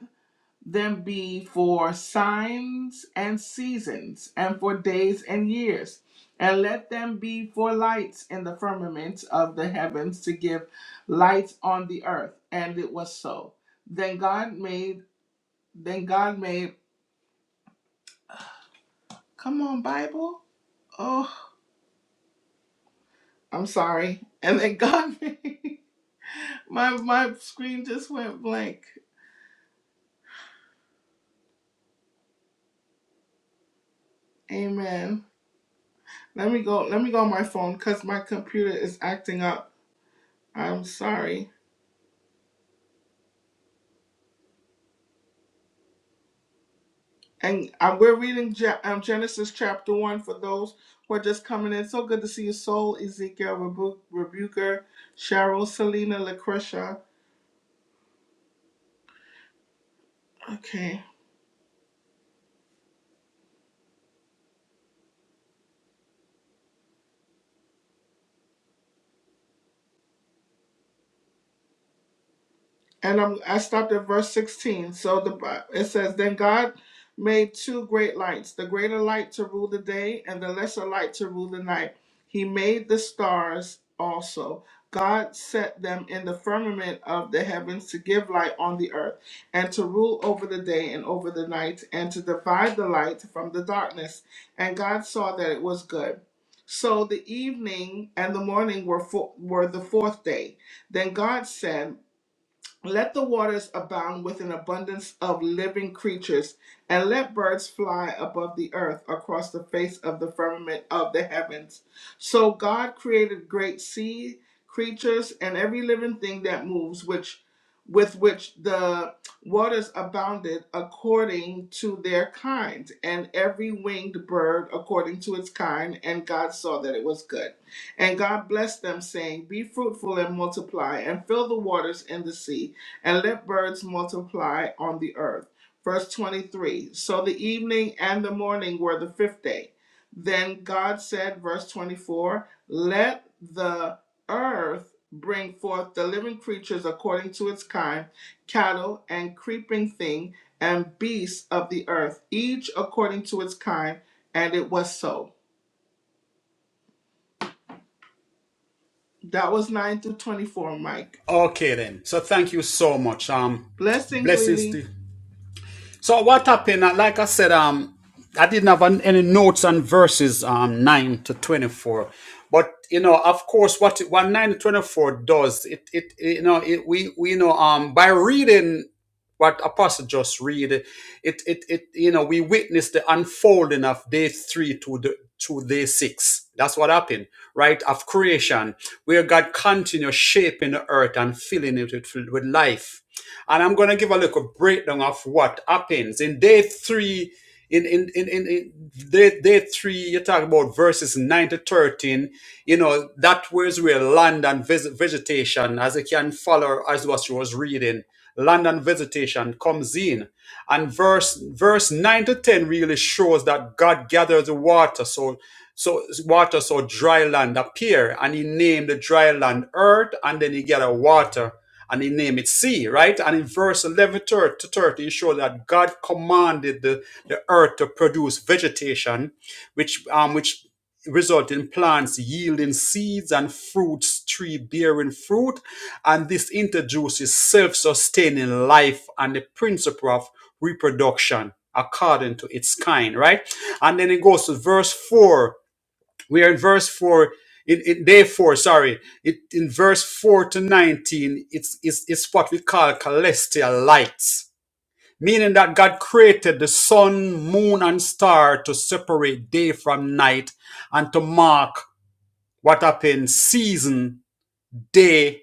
S1: them be for signs and seasons, and for days and years. And let them be for lights in the firmament of the heavens to give light on the earth. And it was so. Then God made, then God made, come on, Bible. Oh, I'm sorry. And then God (laughs) made, my, my screen just went blank. Amen. Let me go, let me go on my phone because my computer is acting up. I'm sorry. And um, we're reading Ge- um, Genesis chapter 1 for those who are just coming in. So good to see you, Soul, Ezekiel, Rebu- Rebuker, Cheryl, Selena, Lucretia. Okay. and I'm, I stopped at verse 16. So the Bi- it says, Then God made two great lights, the greater light to rule the day and the lesser light to rule the night. He made the stars also. God set them in the firmament of the heavens to give light on the earth and to rule over the day and over the night and to divide the light from the darkness. And God saw that it was good. So the evening and the morning were, fo- were the fourth day. Then God said, let the waters abound with an abundance of living creatures, and let birds fly above the earth across the face of the firmament of the heavens. So God created great sea creatures and every living thing that moves, which with which the waters abounded according to their kind, and every winged bird according to its kind, and God saw that it was good. And God blessed them, saying, Be fruitful and multiply, and fill the waters in the sea and let birds multiply on the earth. Verse 23 So the evening and the morning were the fifth day. Then God said, verse 24, Let the earth bring forth the living creatures according to its kind, cattle and creeping thing, and beasts of the earth, each according to its kind. And it was so. That was 9 through 24, Mike.
S2: Okay then. So thank you so much. Um,
S1: Blessings,
S2: blessings
S1: Lily.
S2: to so what happened? uh, Like I said, um, I didn't have any notes on verses um nine to twenty four, but you know, of course, what what nine to twenty four does, it, it you know, it, we we you know um by reading what apostle just read, it it it you know we witness the unfolding of day three to the to day six. That's what happened, right? Of creation, where God continues shaping the earth and filling it with, with life and I'm going to give a little breakdown of what happens. In day three, in, in, in, in, in day, day three, you talk about verses 9 to 13. You know, that was where land and vegetation, as you can follow as what you was reading, land and vegetation comes in. And verse verse 9 to 10 really shows that God gathers the water. So so water, so dry land appear, and he named the dry land earth, and then he get a water, and he named it sea, right? And in verse 11 thir- to 30, he showed that God commanded the, the earth to produce vegetation, which um which result in plants yielding seeds and fruits, tree bearing fruit, and this introduces self-sustaining life and the principle of reproduction according to its kind, right? And then it goes to verse 4 we are in verse four. In, in day four, sorry, it, in verse four to nineteen, it's, it's it's what we call celestial lights, meaning that God created the sun, moon, and star to separate day from night, and to mark what happened season, day,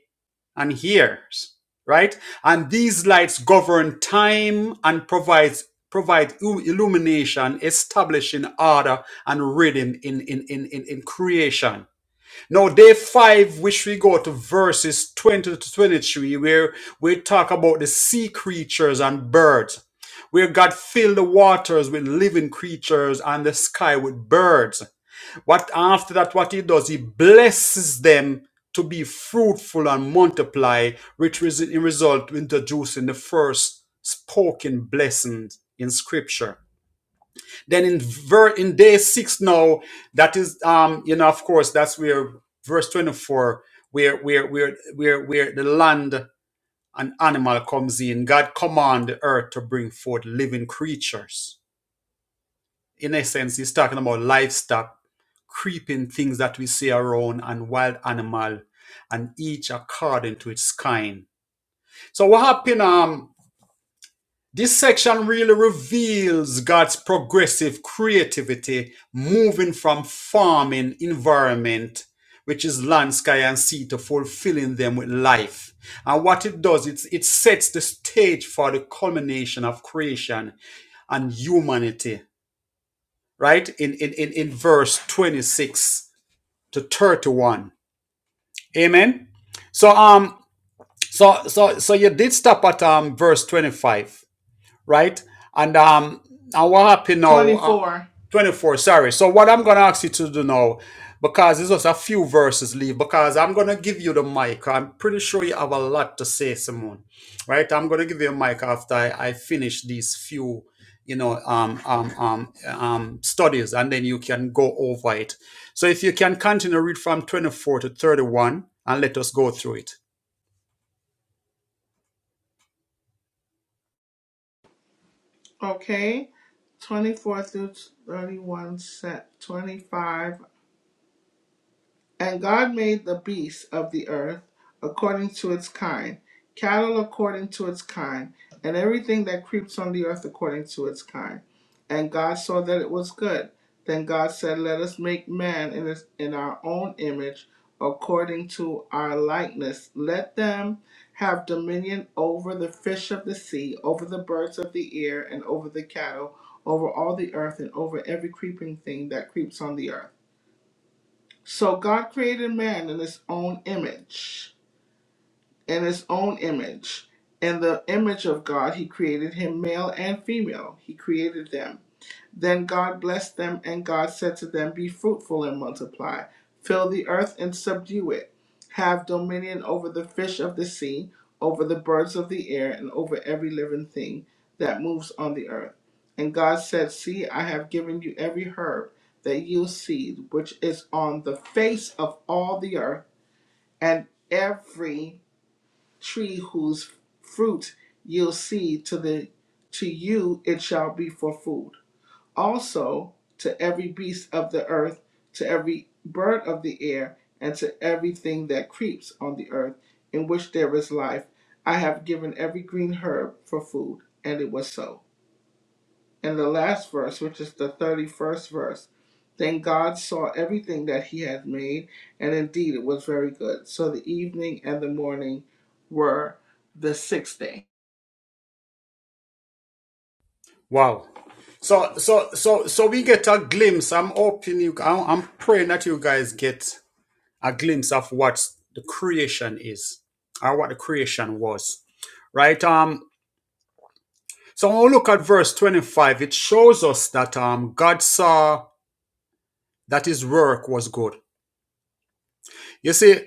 S2: and years, right? And these lights govern time and provides provide il- illumination, establishing order and rhythm in in in in, in creation. Now, day five, which we go to verses 20 to 23, where we talk about the sea creatures and birds, where God filled the waters with living creatures and the sky with birds. What after that, what he does, he blesses them to be fruitful and multiply, which is in result introducing the first spoken blessing in scripture. Then in ver- in day six now, that is um, you know, of course, that's where verse 24, where where where where where the land and animal comes in. God command the earth to bring forth living creatures. In essence, he's talking about livestock, creeping things that we see around, and wild animal, and each according to its kind. So what happened? Um, This section really reveals God's progressive creativity moving from farming environment, which is land, sky, and sea, to fulfilling them with life. And what it does, it's, it sets the stage for the culmination of creation and humanity, right? In, in, in, in verse 26 to 31. Amen. So um so so so you did stop at um verse 25 right? And um, and what happened now? Uh,
S1: 24.
S2: 24, sorry. So what I'm gonna ask you to do now, because there's just a few verses leave, because I'm gonna give you the mic. I'm pretty sure you have a lot to say, Simone. Right? I'm gonna give you a mic after I, I finish these few, you know, um, um, um, um, studies, and then you can go over it. So if you can continue read from 24 to 31, and let us go through it.
S1: okay, 24 through 31, set 25 and God made the beasts of the earth according to its kind, cattle according to its kind, and everything that creeps on the earth according to its kind. And God saw that it was good. Then God said, Let us make man in, his, in our own image, according to our likeness. Let them have dominion over the fish of the sea, over the birds of the air, and over the cattle, over all the earth, and over every creeping thing that creeps on the earth. So God created man in his own image. In his own image. In the image of God, he created him, male and female. He created them. Then God blessed them, and God said to them, Be fruitful and multiply, fill the earth and subdue it, have dominion over the fish of the sea, over the birds of the air, and over every living thing that moves on the earth. And God said, See, I have given you every herb that yields seed, which is on the face of all the earth, and every tree whose fruit yields seed to the to you it shall be for food also to every beast of the earth, to every bird of the air, and to everything that creeps on the earth, in which there is life. I have given every green herb for food. And it was so. And the last verse, which is the 31st verse, then God saw everything that he had made, and indeed it was very good. So the evening and the morning were the sixth day.
S2: Wow. So so so so we get a glimpse. I'm hoping you. I'm, I'm praying that you guys get a glimpse of what the creation is, or what the creation was, right? Um. So when we look at verse 25. It shows us that um God saw that His work was good. You see,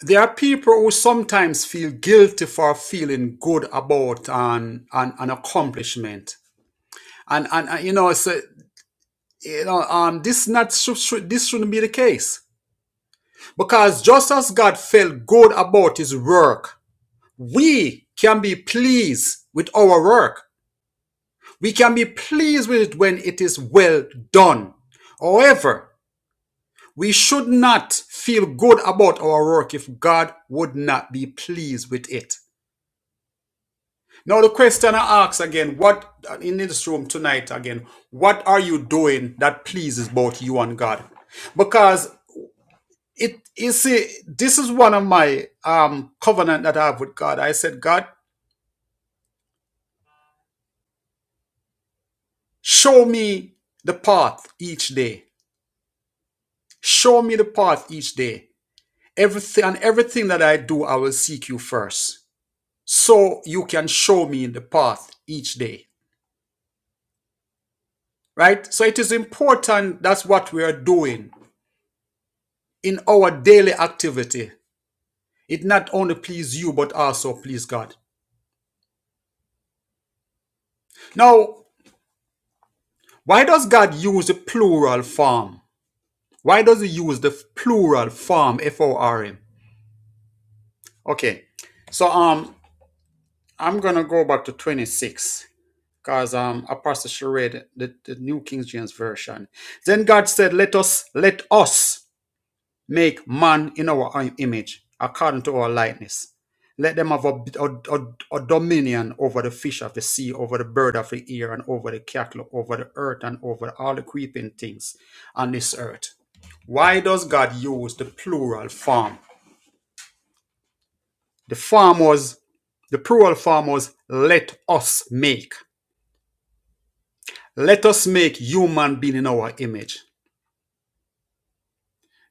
S2: there are people who sometimes feel guilty for feeling good about an an, an accomplishment, and and uh, you know so. you know, um, this not should, should, this shouldn't be the case because just as God felt good about His work, we can be pleased with our work. We can be pleased with it when it is well done. However, we should not feel good about our work if God would not be pleased with it. Now the question I ask again, what uh, in this room tonight again, what are you doing that pleases both you and God? Because it you see this is one of my um covenant that i have with god i said god show me the path each day show me the path each day everything and everything that i do i will seek you first so you can show me the path each day right so it is important that's what we are doing in our daily activity it not only please you but also please god now why does god use a plural form Why does it use the plural form F-O-R-M? Okay, so um, I'm gonna go back to 26 because um, Apostle she read the, the New King James Version. Then God said, "Let us, let us make man in our image, according to our likeness. Let them have a, a, a- a dominion over the fish of the sea, over the bird of the air, and over the cattle, over the earth, and over all the creeping things on this earth." Why does God use the plural form? The farmers, the plural farmers, let us make. Let us make human being in our image.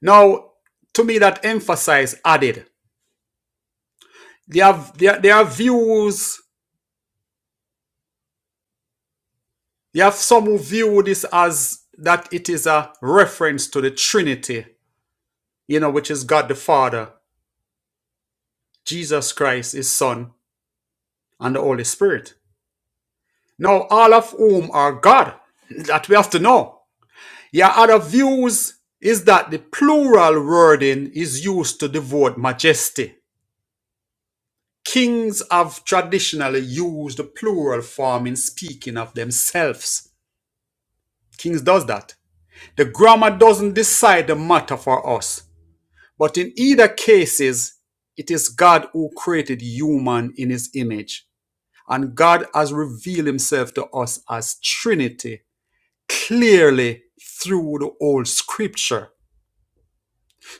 S2: Now, to me, that emphasize added. They have there there are views. They have some who view this as that it is a reference to the Trinity, you know, which is God the Father, Jesus Christ, His Son, and the Holy Spirit. Now, all of whom are God. That we have to know. Your other views is that the plural wording is used to devote majesty. Kings have traditionally used the plural form in speaking of themselves. Kings does that. The grammar doesn't decide the matter for us, but in either cases, it is God who created human in his image, and God has revealed himself to us as Trinity clearly through the old scripture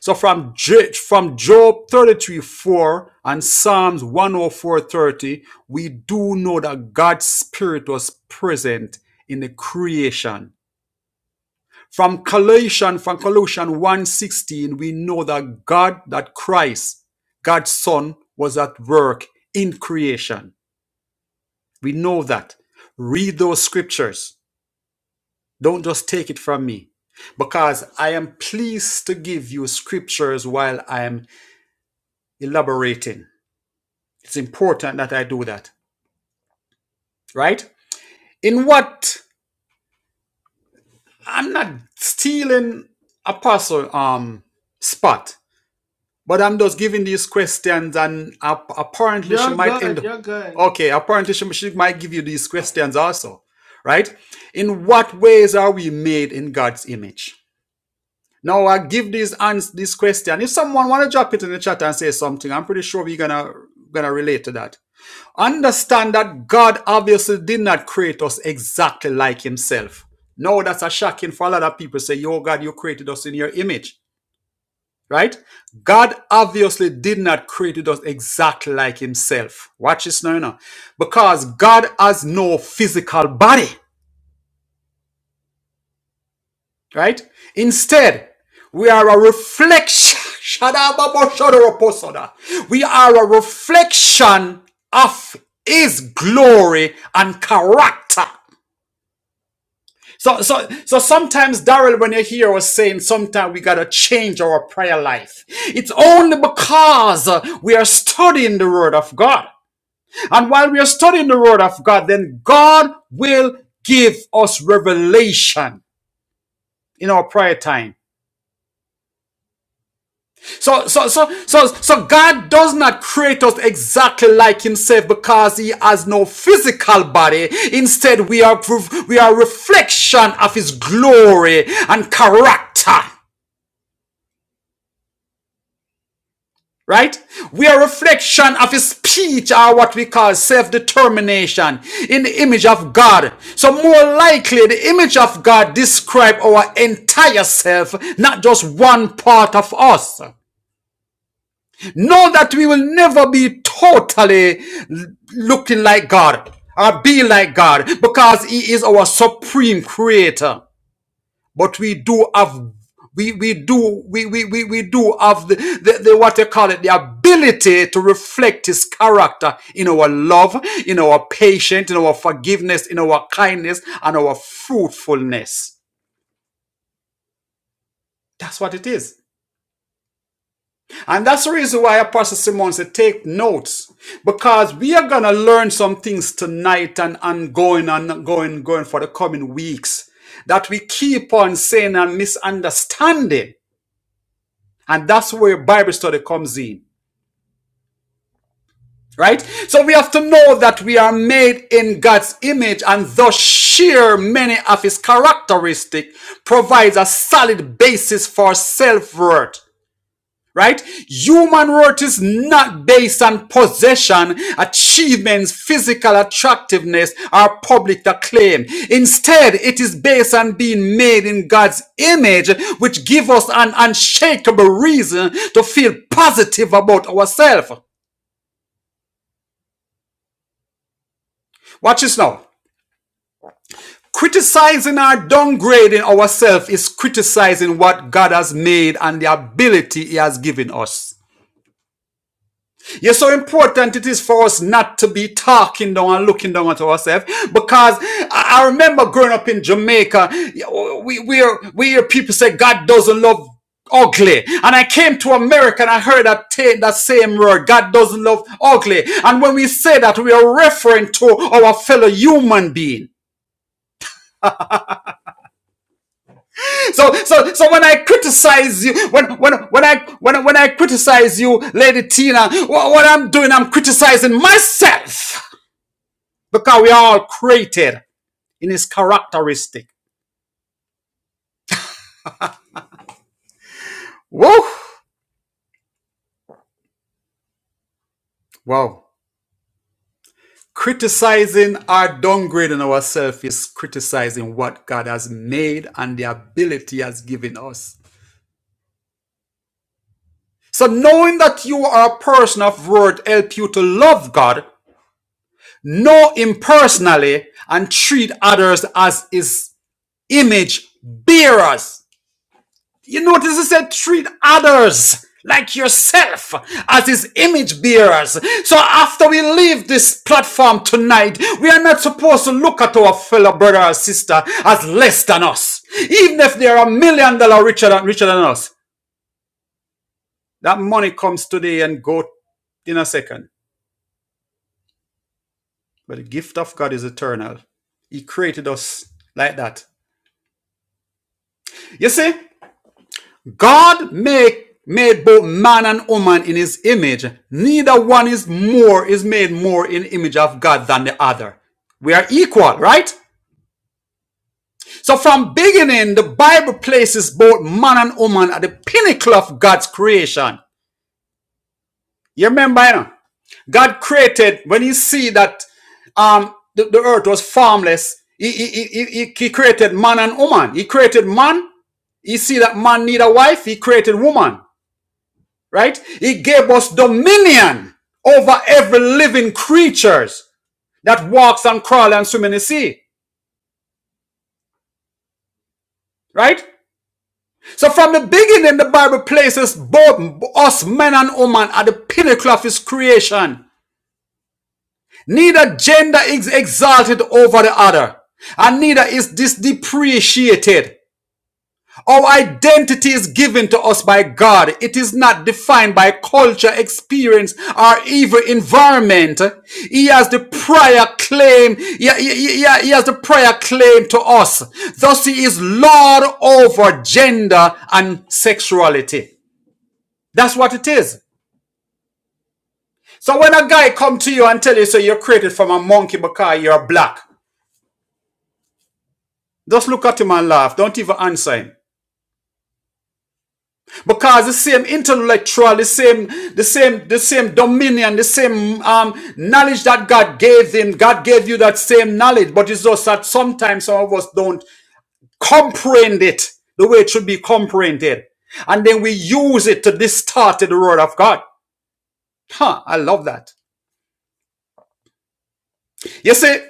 S2: So from J- from Job 33 4 and Psalms one oh four thirty, we do know that God's Spirit was present in the creation. From Colossians, from Colossians one sixteen, we know that God, that Christ, God's Son, was at work in creation. We know that. Read those scriptures. Don't just take it from me. Because I am pleased to give you scriptures while I am elaborating. It's important that I do that, right? In what I'm not stealing apostle um spot, but I'm just giving these questions, and ap- apparently she
S1: You're
S2: might end.
S1: good.
S2: up,
S1: You're good.
S2: Okay, apparently she, she might give you these questions also, right? In what ways are we made in God's image? Now I give these ans this question. If someone want to drop it in the chat and say something, I'm pretty sure we're gonna gonna relate to that Understand that God obviously did not create us exactly like Himself. No, that's a shocking for a lot of people. Say, Yo, God, you created us in your image, right? God obviously did not create us exactly like Himself. Watch this now, you know. because God has no physical body, right? Instead, we are a reflection. We are a reflection of His glory and character. So, so, so sometimes, Darrell, when you hear us saying, sometimes we gotta change our prayer life. It's only because uh, we are studying the Word of God. And while we are studying the Word of God, then God will give us revelation in our prayer time. So, so, so, so, so God does not create us exactly like Himself because He has no physical body. Instead, we are, we are a reflection of His glory and character. right? We are a reflection of his speech or what we call self-determination in the image of God. So more likely the image of God describe our entire self, not just one part of us. Know that we will never be totally looking like God or be like God because he is our supreme creator but we do have we we do we we we, we do have the, the the what they call it the ability to reflect his character in our love in our patience in our forgiveness in our kindness and our fruitfulness that's what it is and that's the reason why apostle simon said take notes because we are going to learn some things tonight and, and going and going going for the coming weeks that we keep on saying and misunderstanding And that's where Bible study comes in, right? So we have to know that we are made in God's image and thus share many of his characteristics provides a solid basis for self-worth right? Human worth is not based on possession, achievements, physical attractiveness, or public acclaim. Instead, it is based on being made in God's image, which gives us an unshakable reason to feel positive about ourselves. Watch this now. Criticizing or downgrading ourselves is criticizing what God has made and the ability He has given us. Yes, how important it is for us not to be talking down and looking down at ourselves. Because I remember growing up in Jamaica, we, we, hear, we hear people say God doesn't love ugly. And I came to America and I heard that, that same word, God doesn't love ugly. And when we say that, we are referring to our fellow human being. So, so, so when I criticize you, when, when, when I, when, when I criticize you, Lady Tina, wha- what I'm doing, I'm criticizing myself. because we are all created in his characteristic. Woo! Wow. Criticizing or downgrading ourselves is criticizing what God has made and the ability He has given us. So knowing that you are a person of worth, help you to love God, know him personally, and treat others as his image bearers. You notice he said treat others like yourself as his image bearers. So after we leave this platform tonight, we are not supposed to look at our fellow brother or sister as less than us. Even if they are a million dollar richer than, richer than us. That money comes today and go in a second. But the gift of God is eternal. He created us like that. You see? God make made both man and woman in his image. Neither one is more is made more in the image of God than the other. We are equal, right? So from beginning, the Bible places both man and woman at the pinnacle of God's creation. You remember, you know? God created when He see that um the, the earth was formless. He, he, he, he, he created man and woman. He created man. He see that man need a wife. He created woman. right? He gave us dominion over every living creatures that walks and crawls and swims in the sea, right? So from the beginning, the Bible places both us men and women at the pinnacle of his creation. Neither gender is exalted over the other, and neither is this depreciated. Our identity is given to us by God. It is not defined by culture, experience, or even environment. He has the prior claim. He, he- he- has the prior claim to us. Thus, He is Lord over gender and sexuality. That's what it is. So when a guy come to you and tell you, "So, you're created from a monkey because you're black, just look at him and laugh. Don't even answer him. because the same intellectual the same the same the same dominion the same um, knowledge that god gave him god gave you that same knowledge but it's just that sometimes some of us don't comprehend it the way it should be comprehended and then we use it to distort the word of god huh i love that you see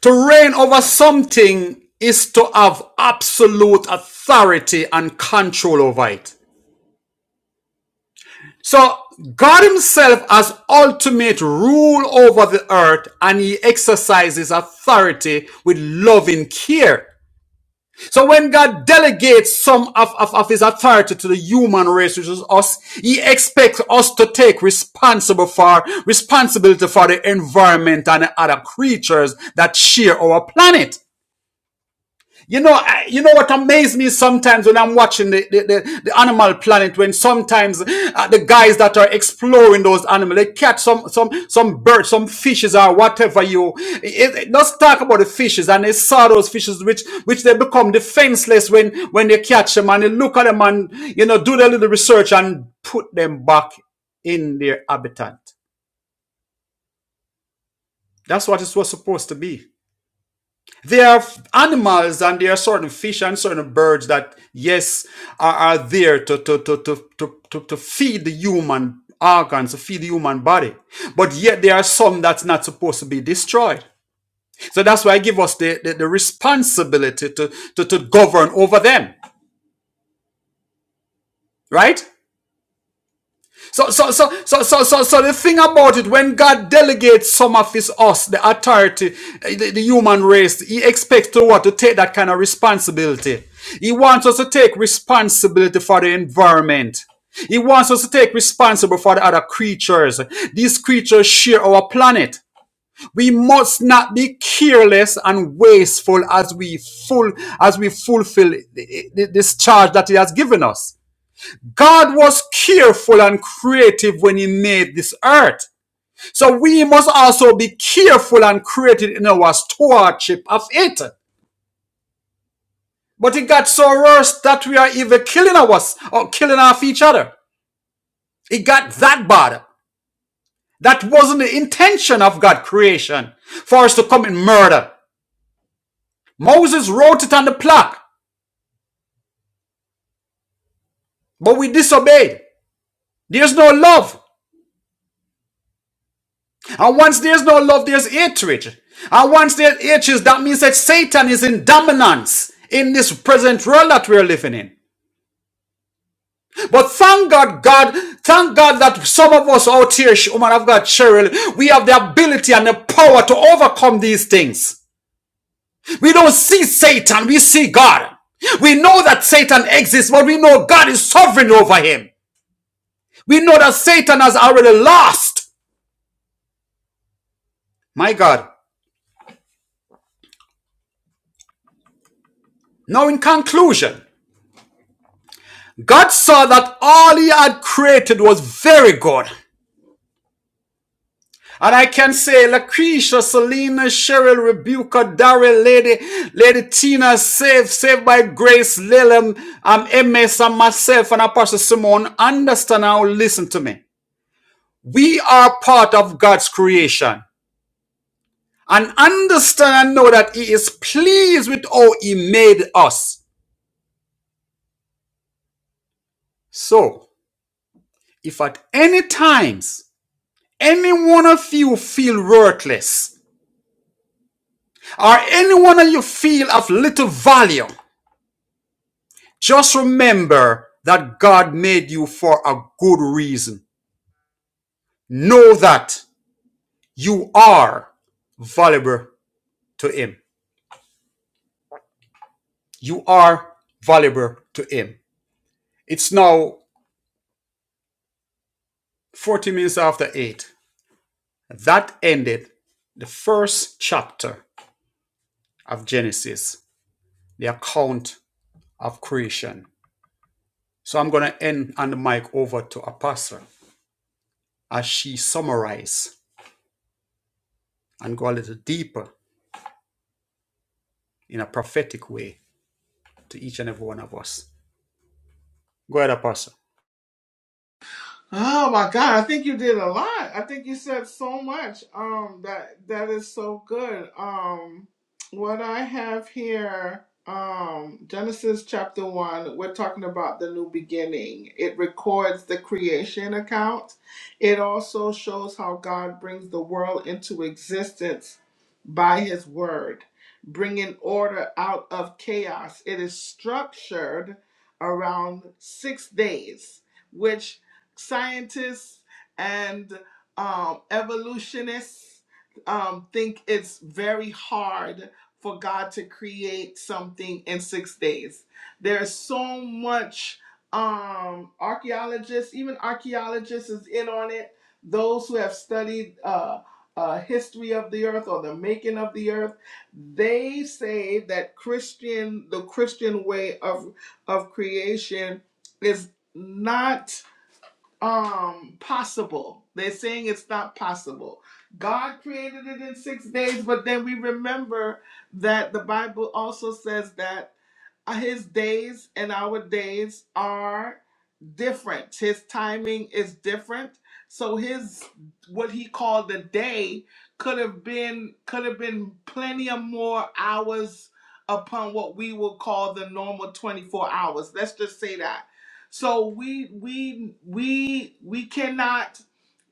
S2: to reign over something is to have absolute authority and control over it So God himself has ultimate rule over the earth and he exercises authority with loving care. So when God delegates some of, of, of his authority to the human race, which is us, he expects us to take responsible for, responsibility for the environment and the other creatures that share our planet. You know, I, you know what amazes me sometimes when I'm watching the, the, the, the Animal Planet, when sometimes uh, the guys that are exploring those animals, they catch some some some birds, some fishes or whatever you. It, it, let's talk about the fishes and they saw those fishes, which which they become defenseless when when they catch them and they look at them and you know do their little research and put them back in their habitat. That's what it was supposed to be. There are f- animals and there are certain fish and certain birds that, yes, are, are there to, to, to, to, to, to, to feed the human organs, to feed the human body. But yet there are some that's not supposed to be destroyed. So that's why I give us the, the, the responsibility to, to, to govern over them, right? So, so, so, so, so, so, so the thing about it, when God delegates some of his us, the authority, eh, the, the human race, he expects to what? To take that kind of responsibility. He wants us to take responsibility for the environment. He wants us to take responsibility for the other creatures. These creatures share our planet. We must not be careless and wasteful as we full as we fulfill th- this charge that he has given us. God was careful and creative when He made this earth. So we must also be careful and creative in our stewardship of it. But it got so worse that we are even killing us or killing off each other. It got that bad. That wasn't the intention of God creation for us to commit murder. Moses wrote it on the plaque, but we disobeyed. There's no love. And once there's no love, there's hatred. And once there's hatred, that means that Satan is in dominance in this present world that we're living in. But thank God, God, thank God that some of us out here, Sh- woman of God, Cheryl, we have the ability and the power to overcome these things. We don't see Satan, we see God. We know that Satan exists, but we know God is sovereign over him. We know that Satan has already lost. My God. Now, in conclusion, God saw that all he had created was very good. And I can say Lucretia, Selena, Cheryl, Rebuka, Daryl, Lady, Lady Tina, Saved, Saved by Grace, Lilum, um, MS, and myself, and Apostle Simone, understand now, listen to me. We are part of God's creation. And understand and know that He is pleased with how He made us. So, if at any times any one of you feel worthless, or anyone that you feel of little value, just remember that God made you for a good reason. Know that you are valuable to Him. You are valuable to Him. It's now 40 minutes after 8. That ended the first chapter of Genesis, the account of creation. So I'm going to end on the mic over to Apostle as she summarizes and go a little deeper in a prophetic way to each and every one of us. Go ahead, Apostle.
S1: Oh my God, I think you did a lot. I think you said so much. Um that that is so good. Um what I have here um Genesis chapter 1, we're talking about the new beginning. It records the creation account. It also shows how God brings the world into existence by his word, bringing order out of chaos. It is structured around 6 days which scientists and um, evolutionists um, think it's very hard for God to create something in six days. There's so much um, archaeologists, even archaeologists, is in on it. Those who have studied uh, uh, history of the earth or the making of the earth, they say that Christian, the Christian way of of creation, is not um possible. They're saying it's not possible. God created it in 6 days, but then we remember that the Bible also says that uh, his days and our days are different. His timing is different. So his what he called the day could have been could have been plenty of more hours upon what we would call the normal 24 hours. Let's just say that. So we we we we cannot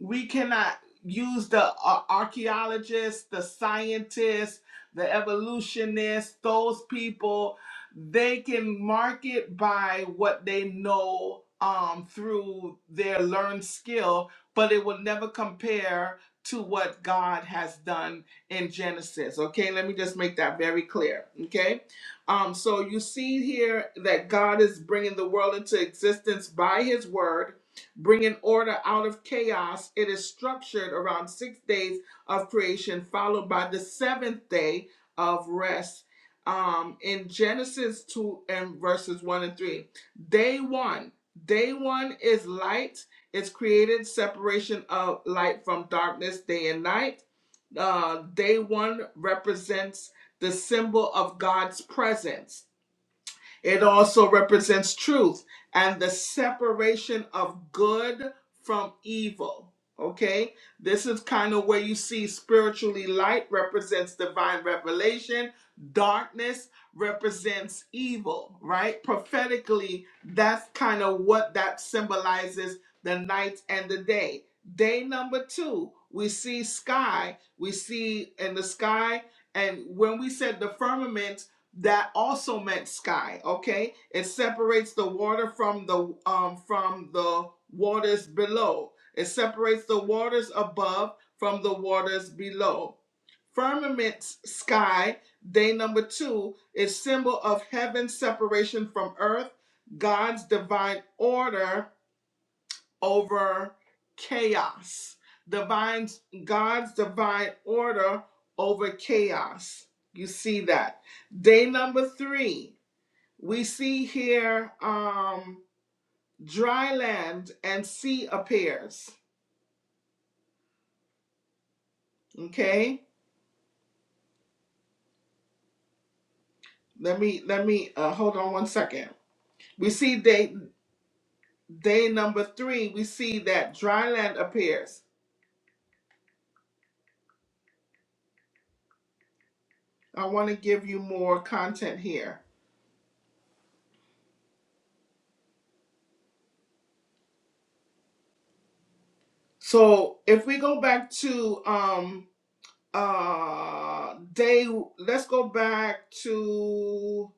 S1: we cannot use the uh, archaeologists, the scientists, the evolutionists, those people they can market by what they know um, through their learned skill, but it will never compare to what God has done in Genesis. Okay, let me just make that very clear. Okay, um, so you see here that God is bringing the world into existence by His word. Bringing order out of chaos, it is structured around six days of creation, followed by the seventh day of rest um in Genesis 2 and verses 1 and 3. Day 1. Day 1 is light. It's created separation of light from darkness day and night. Uh day 1 represents the symbol of God's presence it also represents truth and the separation of good from evil. Okay, this is kind of where you see spiritually light represents divine revelation, darkness represents evil, right? Prophetically, that's kind of what that symbolizes the night and the day. Day number two, we see sky, we see in the sky, and when we said the firmament that also meant sky okay it separates the water from the um from the waters below it separates the waters above from the waters below firmament sky day number two is symbol of heaven's separation from earth god's divine order over chaos. Divine God's divine order over chaos. You see that. Day number three, we see here um dry land and sea appears. Okay? Let me let me uh hold on one second. We see day day number three, we see that dry land appears. I want to give you more content here. So if we go back to um, uh day let's go back to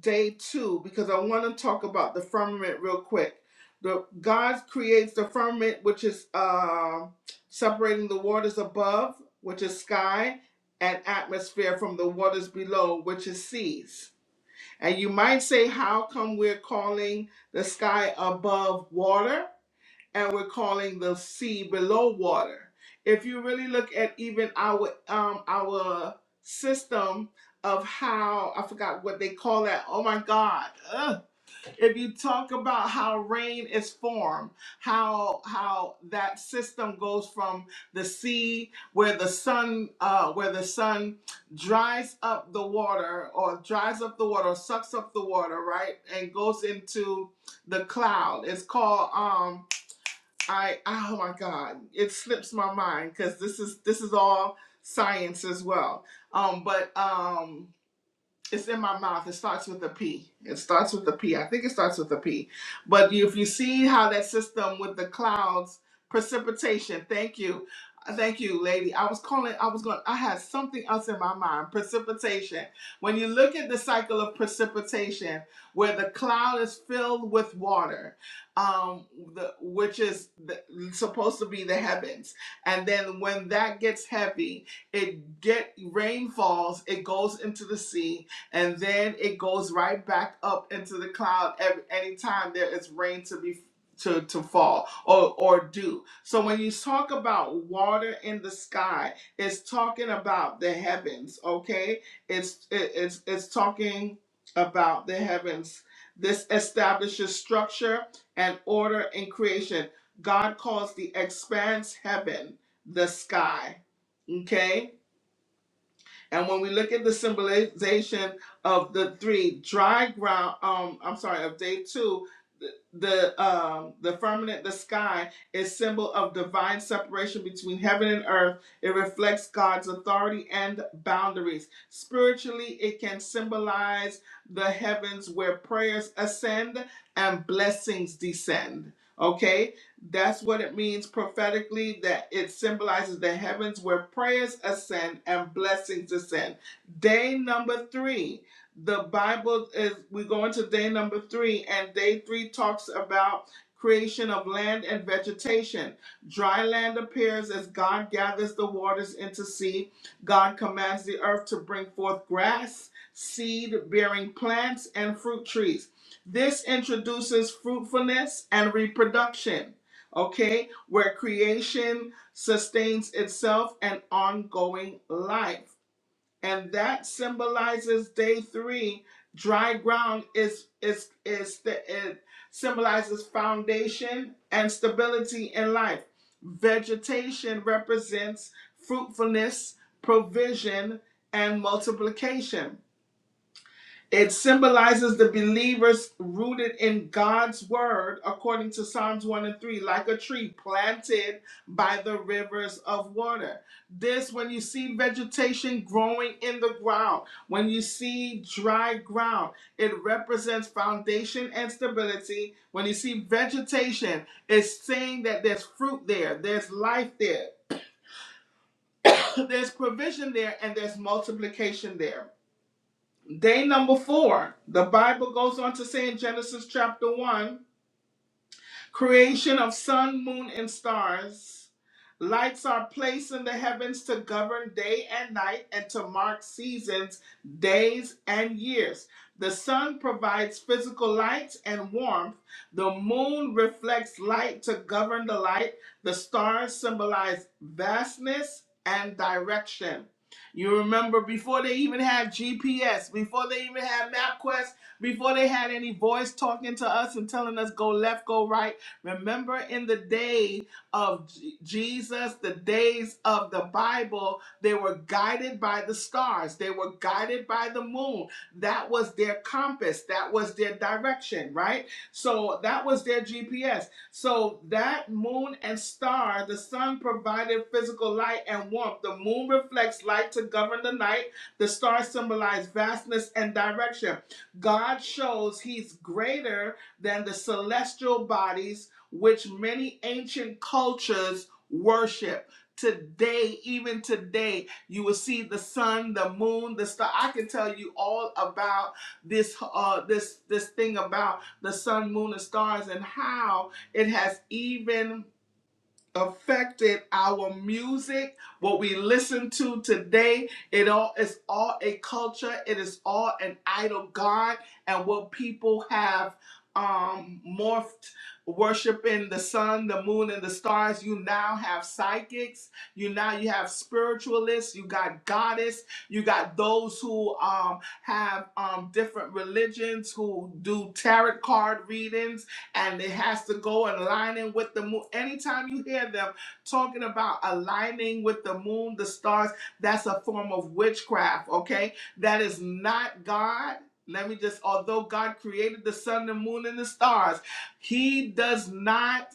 S1: day two because i want to talk about the firmament real quick the god creates the firmament which is uh, separating the waters above which is sky and atmosphere from the waters below which is seas and you might say how come we're calling the sky above water and we're calling the sea below water. If you really look at even our um our system of how I forgot what they call that. Oh my God! Ugh. If you talk about how rain is formed, how how that system goes from the sea where the sun uh, where the sun dries up the water or dries up the water or sucks up the water right and goes into the cloud. It's called um I oh my God, it slips my mind because this is this is all science as well. Um, but um, it's in my mouth. It starts with a P. It starts with a P. I think it starts with a P. But you- if you see how that system with the clouds, precipitation. Thank you, thank you, lady. I was calling. I was going. I had something else in my mind. Precipitation. When you look at the cycle of precipitation, where the cloud is filled with water, um, the, which is the, supposed to be the heavens, and then when that gets heavy, it get rain falls. It goes into the sea and then it goes right back up into the cloud every anytime there is rain to be to, to fall or or dew. So when you talk about water in the sky, it's talking about the heavens, okay? It's it, it's it's talking about the heavens. This establishes structure and order in creation. God calls the expanse heaven, the sky. Okay? And when we look at the symbolization of the three dry ground, um, I'm sorry, of day two, the um, the firmament, the sky, is symbol of divine separation between heaven and earth. It reflects God's authority and boundaries. Spiritually, it can symbolize the heavens where prayers ascend and blessings descend. Okay, that's what it means prophetically that it symbolizes the heavens where prayers ascend and blessings ascend. Day number three, the Bible is, we go into day number three, and day three talks about creation of land and vegetation. Dry land appears as God gathers the waters into sea. God commands the earth to bring forth grass, seed bearing plants, and fruit trees. This introduces fruitfulness and reproduction okay, where creation sustains itself and ongoing life. And that symbolizes day three. Dry ground is is is the it symbolizes foundation and stability in life. Vegetation represents fruitfulness, provision, and multiplication it symbolizes the believers rooted in God's word, according to Psalms 1 and 3, like a tree planted by the rivers of water. This, when you see vegetation growing in the ground, when you see dry ground, it represents foundation and stability. When you see vegetation, it's saying that there's fruit there, there's life there, (coughs) (clears throat) there's provision there, and there's multiplication there. Day number four, the Bible goes on to say in Genesis chapter 1 Creation of sun, moon, and stars. Lights are placed in the heavens to govern day and night and to mark seasons, days, and years. The sun provides physical light and warmth. The moon reflects light to govern the light. The stars symbolize vastness and direction. You remember before they even had GPS, before they even had MapQuest, before they had any voice talking to us and telling us go left, go right Remember in the day of J- Jesus, the days of the Bible, they were guided by the stars, they were guided by the moon. That was their compass, that was their direction, right? So that was their GPS. So that moon and star, the sun provided physical light and warmth. The moon reflects light to govern the night. The stars symbolize vastness and direction. God shows he's greater than the celestial bodies which many ancient cultures worship. Today, even today, you will see the sun, the moon, the star. I can tell you all about this uh this this thing about the sun, moon, and stars and how it has even affected our music, what we listen to today. It all is all a culture. It is all an idol god, and what people have um morphed worshiping the sun the moon and the stars you now have psychics you now you have spiritualists you got goddess you got those who um have um different religions who do tarot card readings and it has to go aligning with the moon. Anytime you hear them talking about aligning with the moon, the stars, that's a form of witchcraft, okay? That is not God. Let me just, although God created the sun, the moon, and the stars, He does not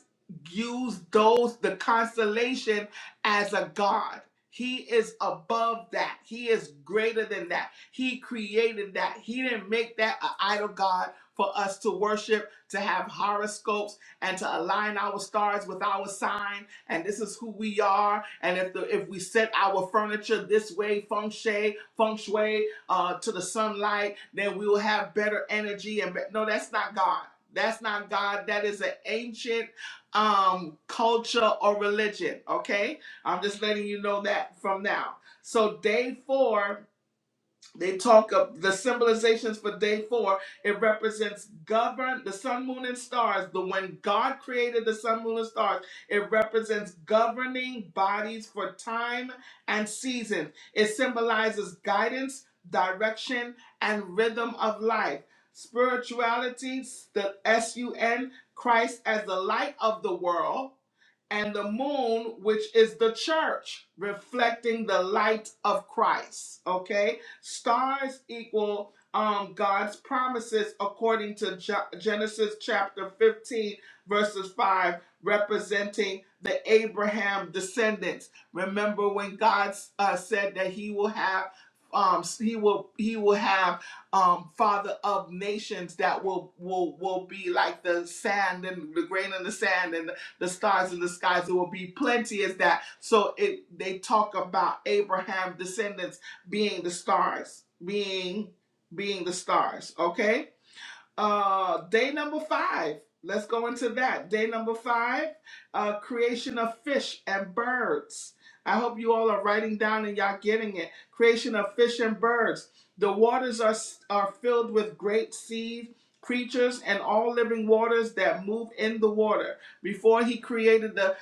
S1: use those, the constellation, as a God. He is above that. He is greater than that. He created that. He didn't make that an idol God for us to worship to have horoscopes and to align our stars with our sign and this is who we are and if the if we set our furniture this way feng shui feng shui uh to the sunlight then we will have better energy and be- no that's not god that's not god that is an ancient um culture or religion okay i'm just letting you know that from now so day four they talk of the symbolizations for day four. It represents govern the sun, moon, and stars. The when God created the sun, moon, and stars, it represents governing bodies for time and season. It symbolizes guidance, direction, and rhythm of life. Spirituality, the S U N, Christ as the light of the world and the moon, which is the church, reflecting the light of Christ. Okay, stars equal um, God's promises according to Ge- Genesis chapter 15, verses 5, representing the Abraham descendants. Remember when God uh, said that He will have. Um, he will he will have um, father of nations that will will will be like the sand and the grain in the sand and the stars in the skies. There will be plenty as that. So it they talk about Abraham's descendants being the stars, being being the stars. Okay uh, day number five. Let's go into that. Day number five, uh, creation of fish and birds. I hope you all are writing down and y'all getting it. Creation of fish and birds. The waters are, are filled with great sea creatures and all living waters that move in the water. Before he created the,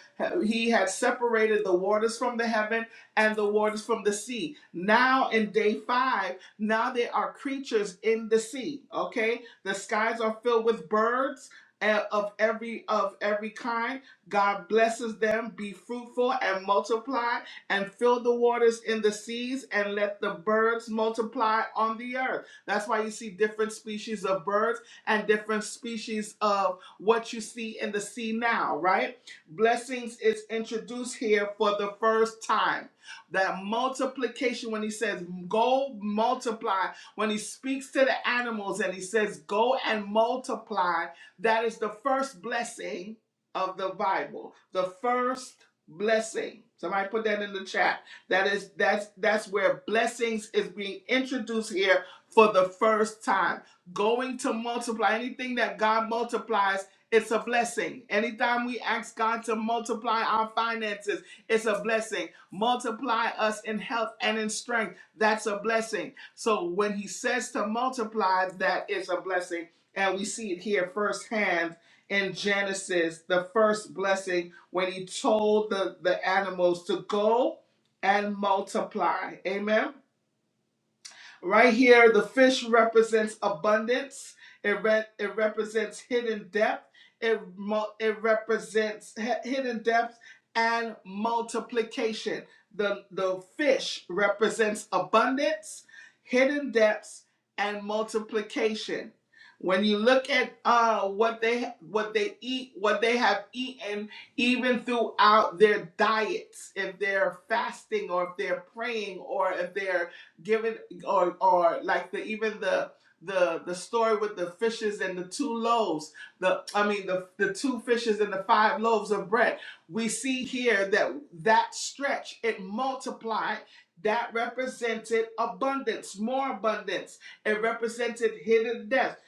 S1: he had separated the waters from the heaven and the waters from the sea. Now in day five, now there are creatures in the sea. Okay, the skies are filled with birds eh, of every of every kind. God blesses them. Be fruitful and multiply, and fill the waters in the seas, and let the birds multiply on the earth. That's why you see different species of birds and different species of what you see in the sea now, right? Blessings is introduced here for the first time that multiplication when he says go multiply when he speaks to the animals and he says, Go and multiply, that is the first blessing of the Bible. The first blessing. Somebody put that in the chat. That is that's that's where blessings is being introduced here for the first time. Going to multiply anything that God multiplies, it's a blessing. Anytime we ask God to multiply our finances, it's a blessing. Multiply us in health and in strength, that's a blessing. So when he says to multiply, that is a blessing. And we see it here firsthand in Genesis, the first blessing, when he told the, the animals to go and multiply. Amen. Right here, the fish represents abundance. It re- it represents hidden depth. It mu- it represents he- hidden depth and multiplication. The the fish represents abundance, hidden depths, and multiplication. When you look at uh, what they what they eat, what they have eaten, even throughout their diets, if they're fasting or if they're praying or if they're giving or or like the even the the the story with the fishes and the two loaves the i mean the the two fishes and the five loaves of bread we see here that that stretch it multiplied that represented abundance more abundance it represented hidden depths,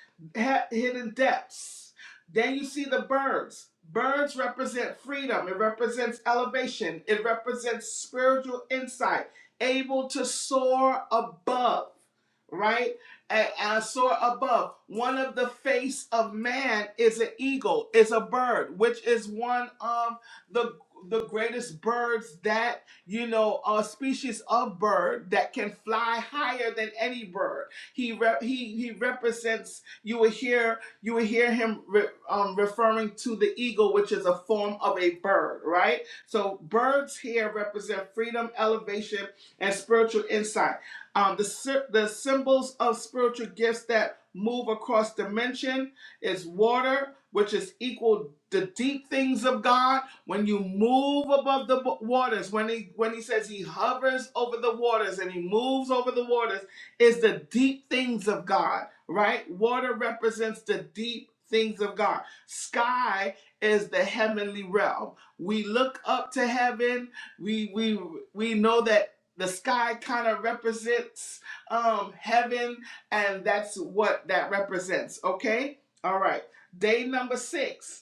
S1: hidden depths then you see the birds birds represent freedom it represents elevation it represents spiritual insight able to soar above, right? And, and soar above. One of the face of man is an eagle, is a bird, which is one of the the greatest birds that you know a species of bird that can fly higher than any bird he rep, he he represents you will hear you will hear him re, um, referring to the eagle which is a form of a bird right so birds here represent freedom, elevation, and spiritual insight. Um, the, the symbols of spiritual gifts that move across dimension is water, which is equal the deep things of God. When you move above the waters, when he when he says he hovers over the waters and he moves over the waters, is the deep things of God, right? Water represents the deep things of God. Sky is the heavenly realm. We look up to heaven. We we we know that the sky kind of represents um, heaven, and that's what that represents. Okay? All right. Day number six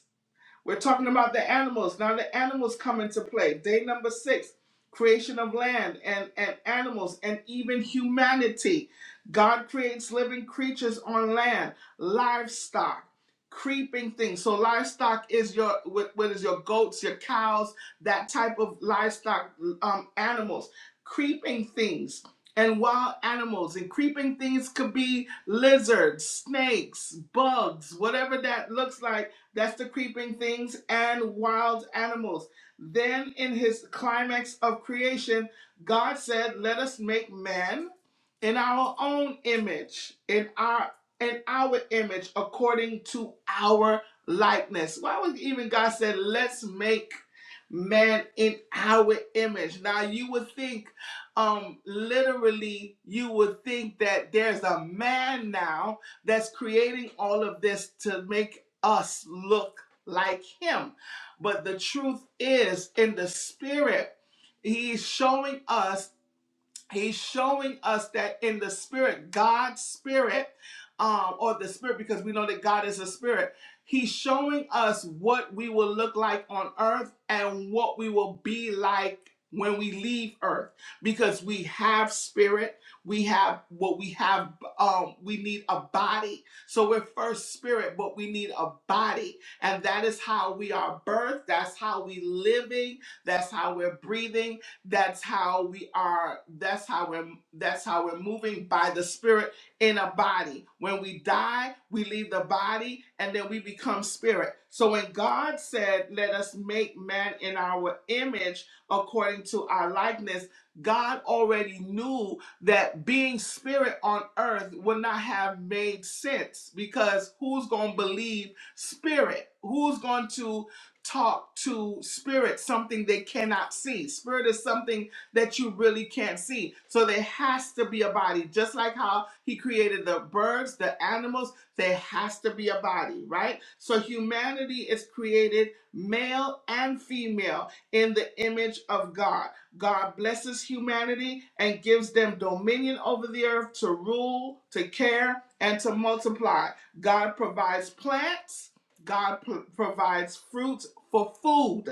S1: we're talking about the animals. Now the animals come into play. Day number six, creation of land and, and animals and even humanity. God creates living creatures on land, livestock, creeping things. So livestock is your what, what is your goats, your cows, that type of livestock um, animals, creeping things. And wild animals and creeping things could be lizards, snakes, bugs, whatever that looks like that's the creeping things and wild animals. Then, in his climax of creation, God said, Let us make man in our own image, in our in our image, according to our likeness. Why would even God said, Let's make man in our image? Now you would think, um, literally, you would think that there's a man now that's creating all of this to make us look like him. But the truth is, in the spirit, he's showing us He's showing us that in the spirit, God's spirit, um, or the spirit, because we know that God is a spirit, he's showing us what we will look like on earth and what we will be like when we leave earth because we have spirit we have what we have um we need a body so we're first spirit but we need a body and that is how we are birthed that's how we living that's how we're breathing that's how we are. That's how we're. That's how we're moving by the Spirit in a body. When we die, we leave the body, and then we become spirit. So when God said, "Let us make man in our image, according to our likeness," God already knew that being spirit on earth would not have made sense because who's going to believe spirit? Who's going to talk to spirit, something they cannot see. Spirit is something that you really can't see. So there has to be a body, just like how he created the birds, the animals, there has to be a body, right? So humanity is created male and female in the image of God. God blesses humanity and gives them dominion over the earth to rule, to care, and to multiply. God provides plants God p- provides fruits for food.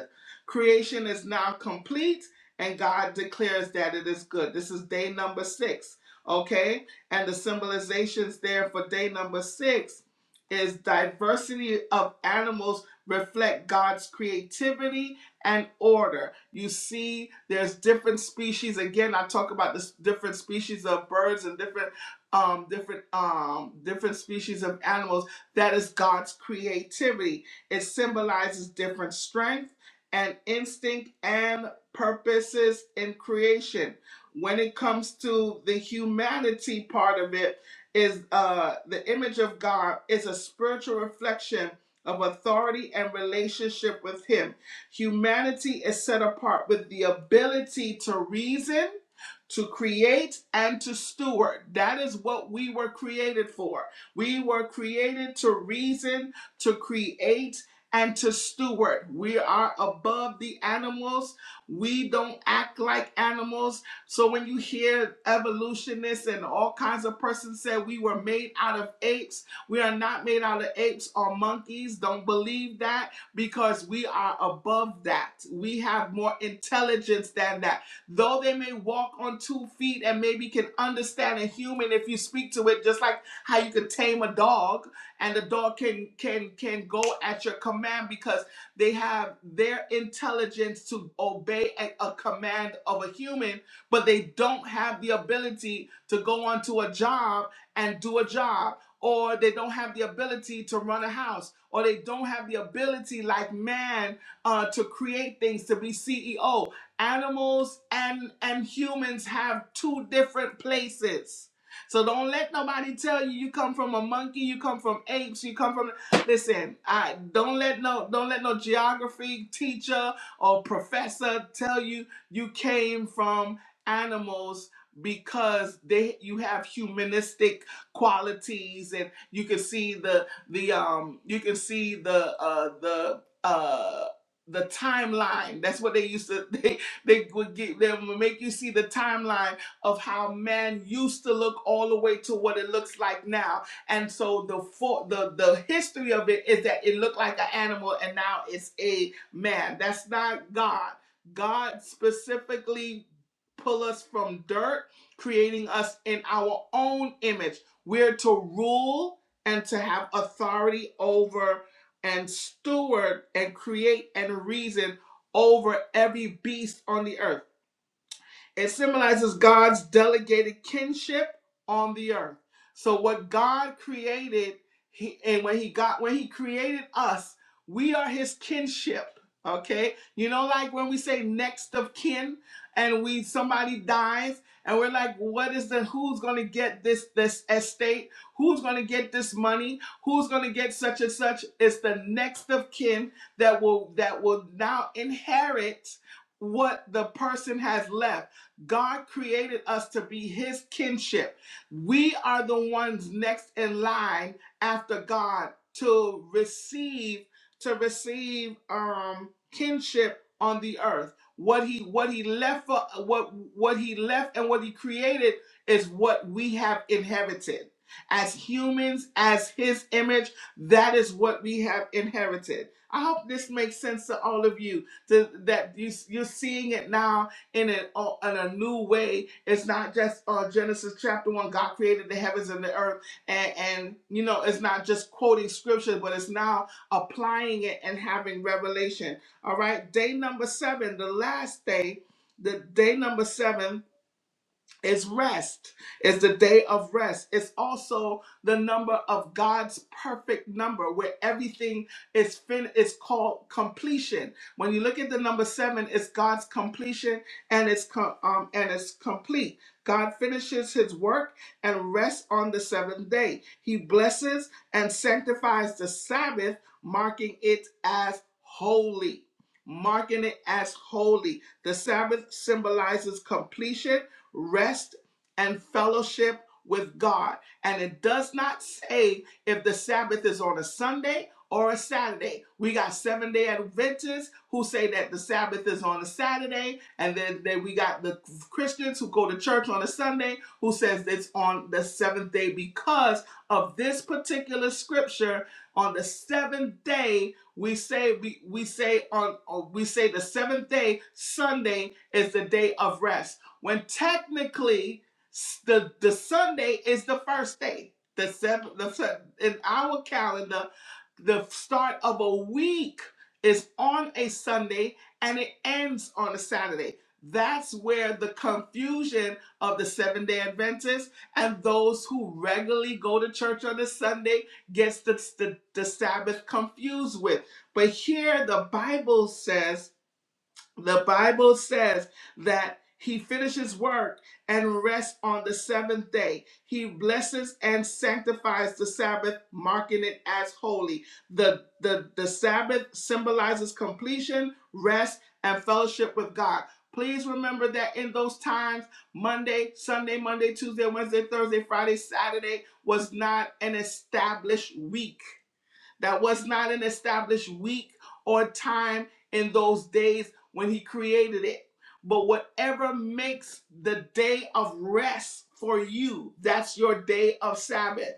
S1: Creation is now complete, and God declares that it is good. This is day number six, okay? And the symbolizations there for day number six is diversity of animals reflect God's creativity and order. You see, there's different species. Again, I talk about this different species of birds and different um different um different species of animals that is God's creativity. It symbolizes different strength and instinct and purposes in creation. When it comes to the humanity part of it, is uh, the image of God is a spiritual reflection of authority and relationship with Him. Humanity is set apart with the ability to reason, to create, and to steward. That is what we were created for. We were created to reason, to create, and to steward. We are above the animals. We don't act like animals. So when you hear evolutionists and all kinds of persons say we were made out of apes, we are not made out of apes or monkeys. Don't believe that because we are above that. We have more intelligence than that though they may walk on two feet and maybe can understand a human if you speak to it just like how you could tame a dog and the dog can can can go at your command because they have their intelligence to obey a, a command of a human, but they don't have the ability to go onto a job and do a job, or they don't have the ability to run a house, or they don't have the ability like man uh, to create things to be CEO. Animals and and humans have two different places so don't let nobody tell you you come from a monkey, you come from apes, you come from listen, I don't let no don't let no geography teacher or professor tell you you came from animals because they you have humanistic qualities and you can see the the um you can see the uh the uh the timeline that's what they used to (laughs) they they would get they would make you see the timeline of how man used to look all the way to what it looks like now. And so the for, the the history of it is that it looked like an animal and now it's a man. That's not God. God specifically pull us from dirt, creating us in our own image. We're to rule and to have authority over and steward and create and reason over every beast on the earth. It symbolizes God's delegated kinship on the earth. So what God created, he, and when he got when he created us, we are his kinship. Okay? You know, like when we say next of kin and we somebody dies and we're like, what is the who's gonna get this this estate? Who's gonna get this money? Who's gonna get such and such? It's the next of kin that will that will now inherit what the person has left. God created us to be his kinship. We are the ones next in line after God to receive to receive um kinship on the earth. What he what he left for what what he left and what he created is what we have inherited. As humans, as his image, that is what we have inherited. I hope this makes sense to all of you. To, that you, you're seeing it now in a, uh, in a new way. It's not just uh, Genesis chapter one. God created the heavens and the earth, and and you know it's not just quoting scripture, but it's now applying it and having revelation. All right, day number seven, the last day, the day number seven it's rest. It's the day of rest. It's also the number of God's perfect number where everything is fin it's called completion. When you look at the number 7, it's God's completion and it's co- um and it's complete. God finishes his work and rests on the seventh day. He blesses and sanctifies the Sabbath, marking it as holy. Marking it as holy. The Sabbath symbolizes completion rest and fellowship with God. And it does not say if the Sabbath is on a Sunday or a Saturday. We got seven day Adventists who say that the Sabbath is on a Saturday, and then, then we got the Christians who go to church on a Sunday who says it's on the seventh day because of this particular scripture. On the seventh day, we say we, we say on on- we say the seventh day, Sunday, is the day of rest when technically the the Sunday is the first day. The seventh, the in our calendar, the start of a week is on a Sunday and it ends on a Saturday. That's where the confusion of the seven day Adventists and those who regularly go to church on a Sunday gets the, the, the Sabbath confused with. But here the Bible says the Bible says that he finishes work and rests on the seventh day. He blesses and sanctifies the Sabbath, marking it as holy. The, the, the Sabbath symbolizes completion, rest, and fellowship with God. Please remember that in those times, Monday, Sunday, Monday, Tuesday, Wednesday, Thursday, Friday, Saturday was not an established week. That was not an established week or time in those days when he created it. But whatever makes the day of rest for you, that's your day of Sabbath.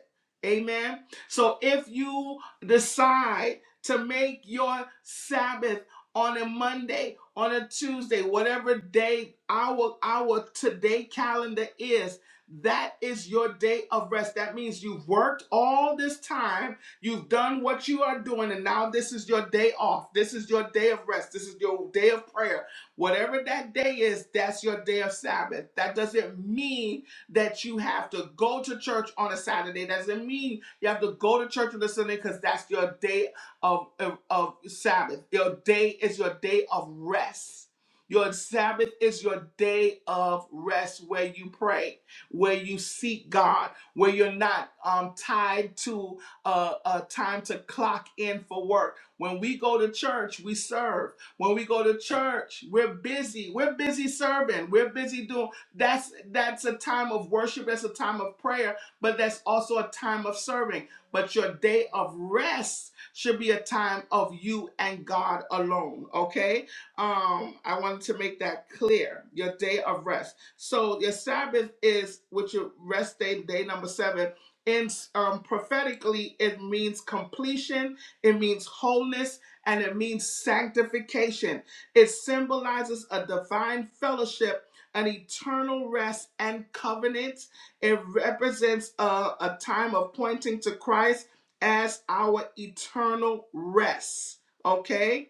S1: Amen. So if you decide to make your Sabbath on a Monday, on a Tuesday, whatever day our our today calendar is, that is your day of rest. That means you've worked all this time You've done what you are doing, and now this is your day off. This is your day of rest. This is your day of prayer. Whatever that day is, that's your day of Sabbath. That doesn't mean that you have to go to church on a Saturday. That doesn't mean you have to go to church on a Sunday because that's your day of, of, of Sabbath. Your day is your day of rest. Your Sabbath is your day of rest where you pray, where you seek God, where you're not um, tied to a uh, time to clock in for work. When we go to church, we serve. When we go to church, we're busy. We're busy serving. We're busy doing. That's that's a time of worship. That's a time of prayer. But that's also a time of serving. But your day of rest should be a time of you and God alone. Okay. Um, I wanted to make that clear. Your day of rest. So your Sabbath is which your rest day, day number seven in um, prophetically it means completion it means wholeness and it means sanctification it symbolizes a divine fellowship an eternal rest and covenant it represents a, a time of pointing to christ as our eternal rest okay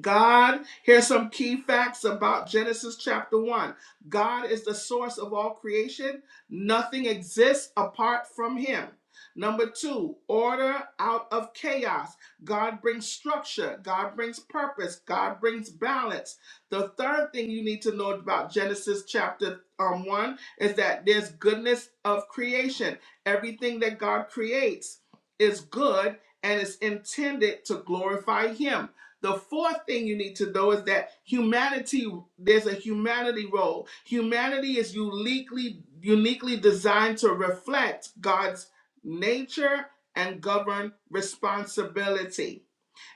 S1: God, here's some key facts about Genesis chapter 1. God is the source of all creation. Nothing exists apart from him. Number two, order out of chaos. God brings structure. God brings purpose. God brings balance. The third thing you need to know about Genesis chapter um, 1 is that there's goodness of creation. Everything that God creates is good and is intended to glorify Him. The fourth thing you need to know is that humanity, there's a humanity role. Humanity is uniquely, uniquely designed to reflect God's nature and govern responsibility.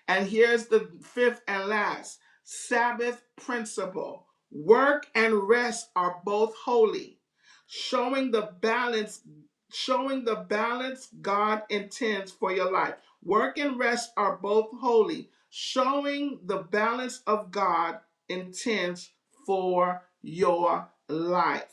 S1: And here's the fifth and last Sabbath principle work and rest are both holy, showing the balance, showing the balance God intends for your life. Work and rest are both holy, showing the balance of God intends for your life.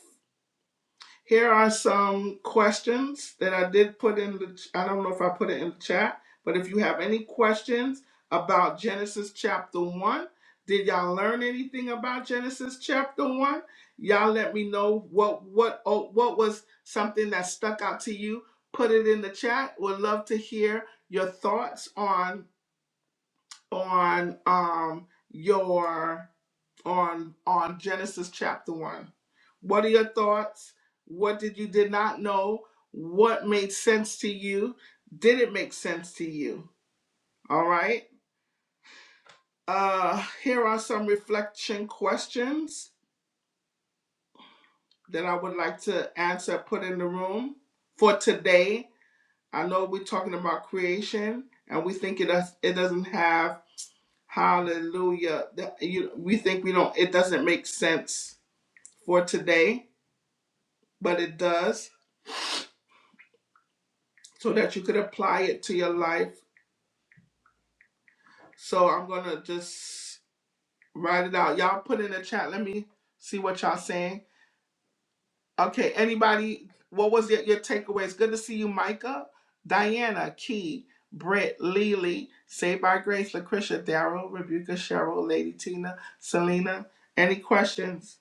S1: Here are some questions that I did put in the, I don't know if I put it in the chat, but if you have any questions about Genesis chapter 1, did y'all learn anything about Genesis chapter 1? Y'all let me know what what oh, what was something that stuck out to you. Put it in the chat. Would love to hear your thoughts on on um your on on Genesis chapter 1. What are your thoughts? What did you did not know? What made sense to you? Did it make sense to you? All right? Uh here are some reflection questions that I would like to answer put in the room for today. I know we're talking about creation and we think it does it doesn't have hallelujah that you we think we don't it doesn't make sense for today, but it does. so that you could apply it to your life. So I'm gonna just write it out. Y'all put in the chat. Let me see what y'all saying. Okay, anybody? What was your, your takeaways? Good to see you, Micah, Diana, Key, Brett, Lily, Saved by Grace, Lucretia, Daryl, Rebuka, Cheryl, Lady Tina, Selena. Any questions?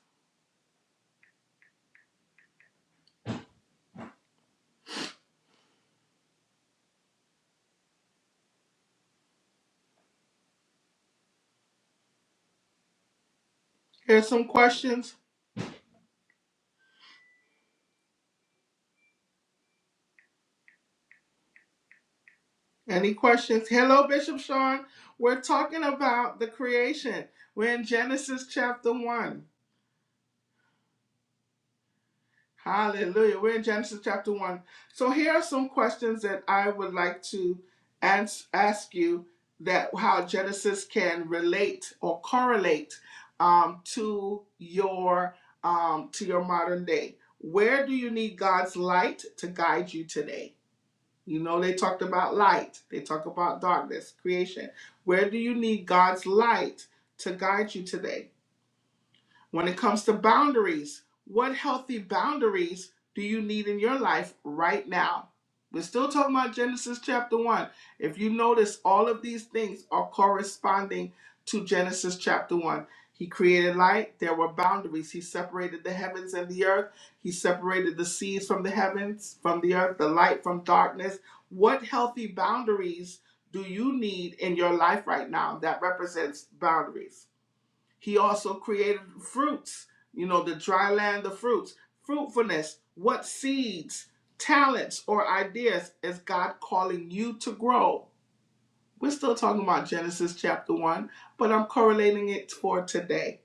S1: Here's some questions. Any questions? Hello, Bishop Sean. We're talking about the creation. We're in Genesis chapter 1. Hallelujah. We're in Genesis chapter 1. So here are some questions that I would like to ans- ask you that how Genesis can relate or correlate um, to your um, to your modern day. Where do you need God's light to guide you today? You know they talked about light. They talk about darkness, creation. Where do you need God's light to guide you today? When it comes to boundaries, what healthy boundaries do you need in your life right now? We're still talking about Genesis chapter 1. If you notice, all of these things are corresponding to Genesis chapter 1. He created light, there were boundaries. He separated the heavens and the earth, He separated the seas from the heavens, from the earth, the light from darkness. What healthy boundaries do you need in your life right now that represents boundaries? He also created fruits, you know, the dry land, the fruits, fruitfulness, what seeds, talents, or ideas is God calling you to grow? We're still talking about Genesis chapter 1, but I'm correlating it for today.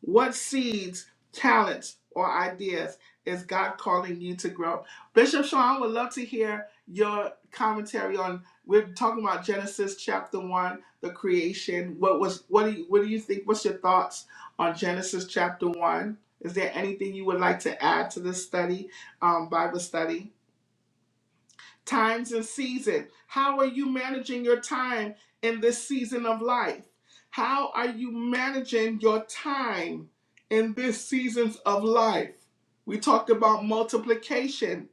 S1: What seeds, talents, or ideas is God calling you to grow? Bishop Sean, I would love to hear your commentary on. We're talking about Genesis chapter one, the creation. What was what do you what do you think? What's your thoughts on Genesis chapter one? Is there anything you would like to add to this study, um, Bible study? times and season. How are you managing your time in this season of life? How are you managing your time in this seasons of life? We talked about multiplication.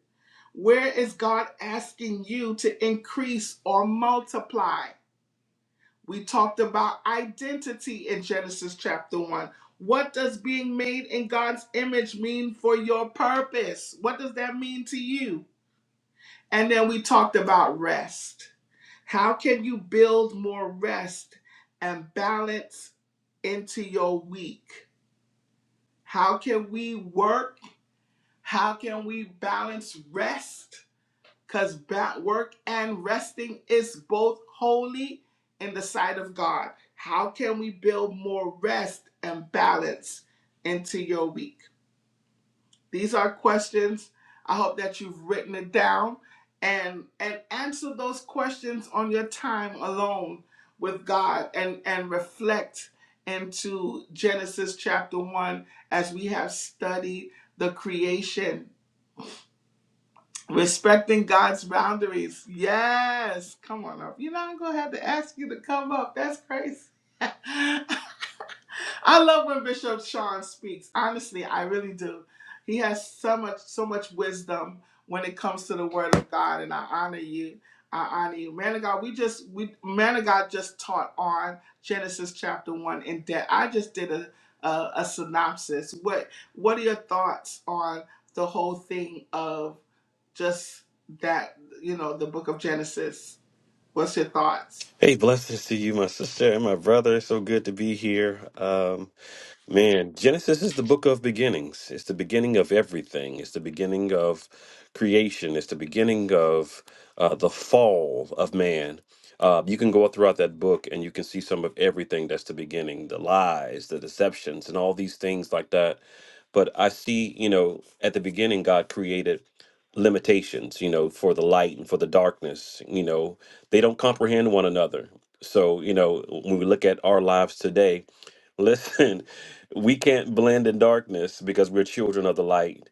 S1: Where is God asking you to increase or multiply? We talked about identity in Genesis chapter 1. What does being made in God's image mean for your purpose? What does that mean to you? And then we talked about rest how can you build more rest and balance into your week? How can we work? How can we balance rest? Because work and resting is both holy in the sight of God. How can we build more rest and balance into your week? These are questions. I hope that you've written it down and and answer those questions on your time alone with God and and reflect into Genesis chapter 1 as we have studied the creation respecting God's boundaries. Yes, come on up. You know I'm going to have to ask you to come up. That's crazy. (laughs) I love when Bishop Sean speaks. Honestly, I really do. He has so much, so much wisdom when it comes to the Word of God, and I honor you. I honor you, man of God. We just, we man of God just taught on Genesis chapter one in depth. I just did a, a a synopsis. What What are your thoughts on the whole thing of just that? You know, the book of Genesis. What's your thoughts?
S3: Hey, blessings to you, my sister and my brother. So good to be here. Um, Man, Genesis is the book of beginnings. It's the beginning of everything. It's the beginning of creation. It's the beginning of uh, the fall of man. Uh, you can go throughout that book and you can see some of everything that's the beginning the lies, the deceptions, and all these things like that. But I see, you know, at the beginning, God created limitations, you know, for the light and for the darkness. You know, they don't comprehend one another. So, you know, when we look at our lives today, Listen, (laughs) we can't blend in darkness because we're children of the light.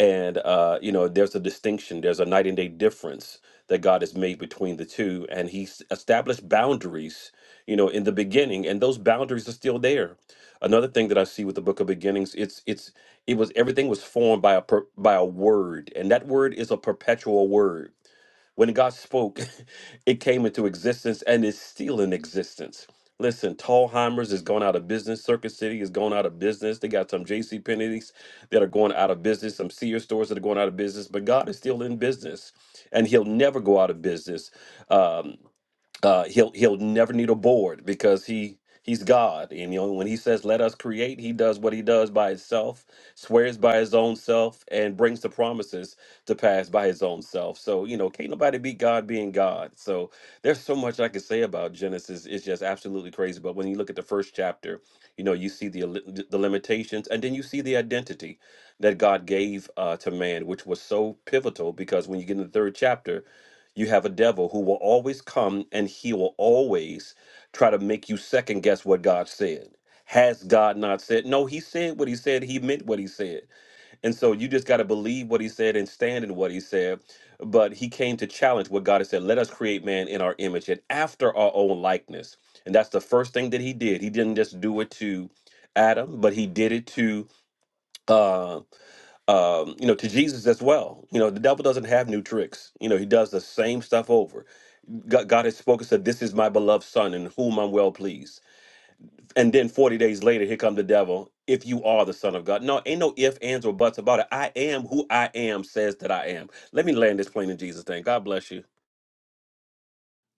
S3: And, uh, you know, there's a distinction, there's a night and day difference that God has made between the two. And He's established boundaries, you know, in the beginning, and those boundaries are still there. Another thing that I see with the book of beginnings, it's, it's, it was everything was formed by a per, by a word and that word is a perpetual word when God spoke, (laughs) it came into existence and is still in existence. Listen, Tallheimers is going out of business. Circuit City is going out of business. They got some J.C. Penney's that are going out of business, some Sears stores that are going out of business, but God is still in business and he'll never go out of business. Um, uh, he'll he'll never need a board because he he's God. And you know, when he says, "Let us create," he does what he does by himself, swears by his own self, and brings the promises to pass by his own self. So you know, can't nobody beat God being God. So there's so much I could say about Genesis. It's just absolutely crazy. But when you look at the first chapter, you know, you see the li- the limitations, and then you see the identity that God gave uh, to man, which was so pivotal because when you get in the third chapter you have a devil who will always come and he will always try to make you second guess what God said. Has God not said? No, he said what he said. He meant what he said. And so you just got to believe what he said and stand in what he said. But he came to challenge what God has said. Let us create man in our image and after our own likeness. And that's the first thing that he did. He didn't just do it to Adam, but he did it to uh um, you know, to Jesus as well. You know, the devil doesn't have new tricks. You know, he does the same stuff over. God, God has spoken, said, This is my beloved son in whom I'm well pleased. And then 40 days later, here come the devil. If you are the son of God. No, ain't no ifs, ands, or buts about it. I am who I am says that I am. Let me land this plane in Jesus' name. God bless you.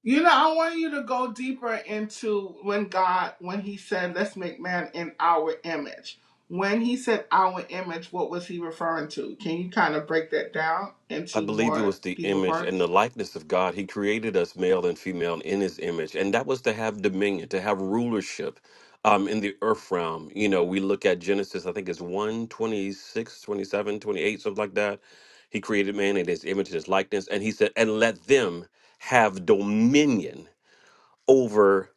S1: You know, I want you to go deeper into when God, when He said, let's make man in our image. When He said our image, what was He referring to? Can you kind of break that down
S3: I
S1: into
S3: believe it
S1: more
S3: was the
S1: deeper
S3: image and
S1: parts?
S3: the likeness of God. He created us male and female in his image. And that was to have dominion, to have rulership um, in the earth realm. You know, we look at Genesis, I think it's one twenty six, twenty seven, twenty eight, 26, twenty-seven, twenty-eight, something like that. He created man in his image and his likeness. And he said, and let them have dominion over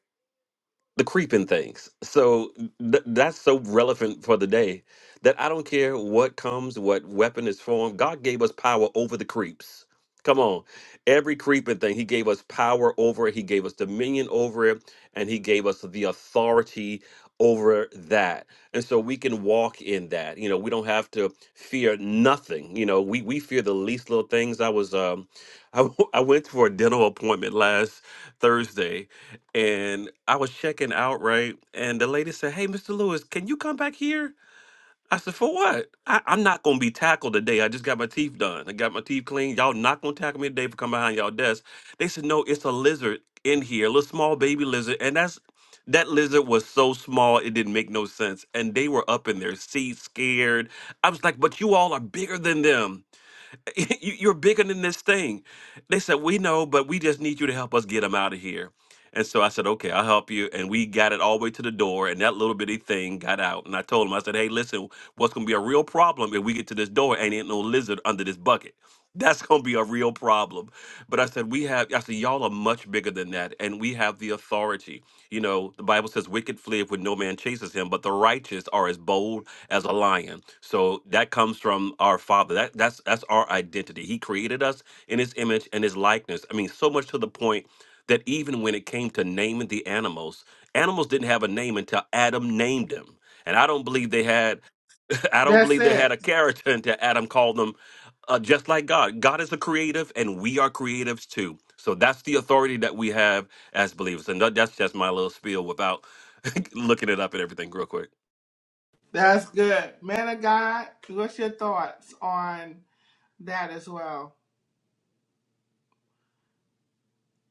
S3: the creeping things. So th- that's so relevant for the day that I don't care what comes, what weapon is formed. God gave us power over the creeps. Come on. Every creeping thing, He gave us power over it. He gave us dominion over it. And He gave us the authority over that. And so we can walk in that. You know, we don't have to fear nothing. You know, we, we fear the least little things. I was, um, (laughs) I, w- I went for a dental appointment last Thursday and I was checking out, right? And the lady said, Hey, Mr. Lewis, can you come back here? I said, For what? I, I'm not gonna be tackled today. I just got my teeth done. I got my teeth cleaned. Y'all not gonna tackle me today for coming behind y'all desk. They said, No, it's a lizard in here, a little small baby lizard. And that's that lizard was so small it didn't make no sense. And they were up in their seats scared. I was like, But you all are bigger than them. (laughs) you, you're bigger than this thing. They said, We know, but we just need you to help us get them out of here. And so I said, Okay, I'll help you. And we got it all the way to the door, and that little bitty thing got out. And I told him, I said, Hey, listen, what's going to be a real problem if we get to this door and ain't no lizard under this bucket? (laughs) That's going to be a real problem. But I said, We have, I said, y'all are much bigger than that, and we have the authority. You know, the Bible says, Wicked fleeth when no man chases him, but the righteous are as bold as a lion. So that comes from our Father. That that's that's our identity. He created us in His image and His likeness. I mean, so much to the point that even when it came to naming the animals, animals didn't have a name until Adam named them. And I don't believe they had. (laughs) I don't
S1: That's
S3: believe they had a
S1: it.
S3: character (laughs) until Adam called them uh, just like God. God is a creative, and we are creatives too. So that's the authority that we have as believers. And that, that's just my little spiel without (laughs) looking it up and everything real quick.
S1: That's good. Man of God, what's your thoughts on that as well?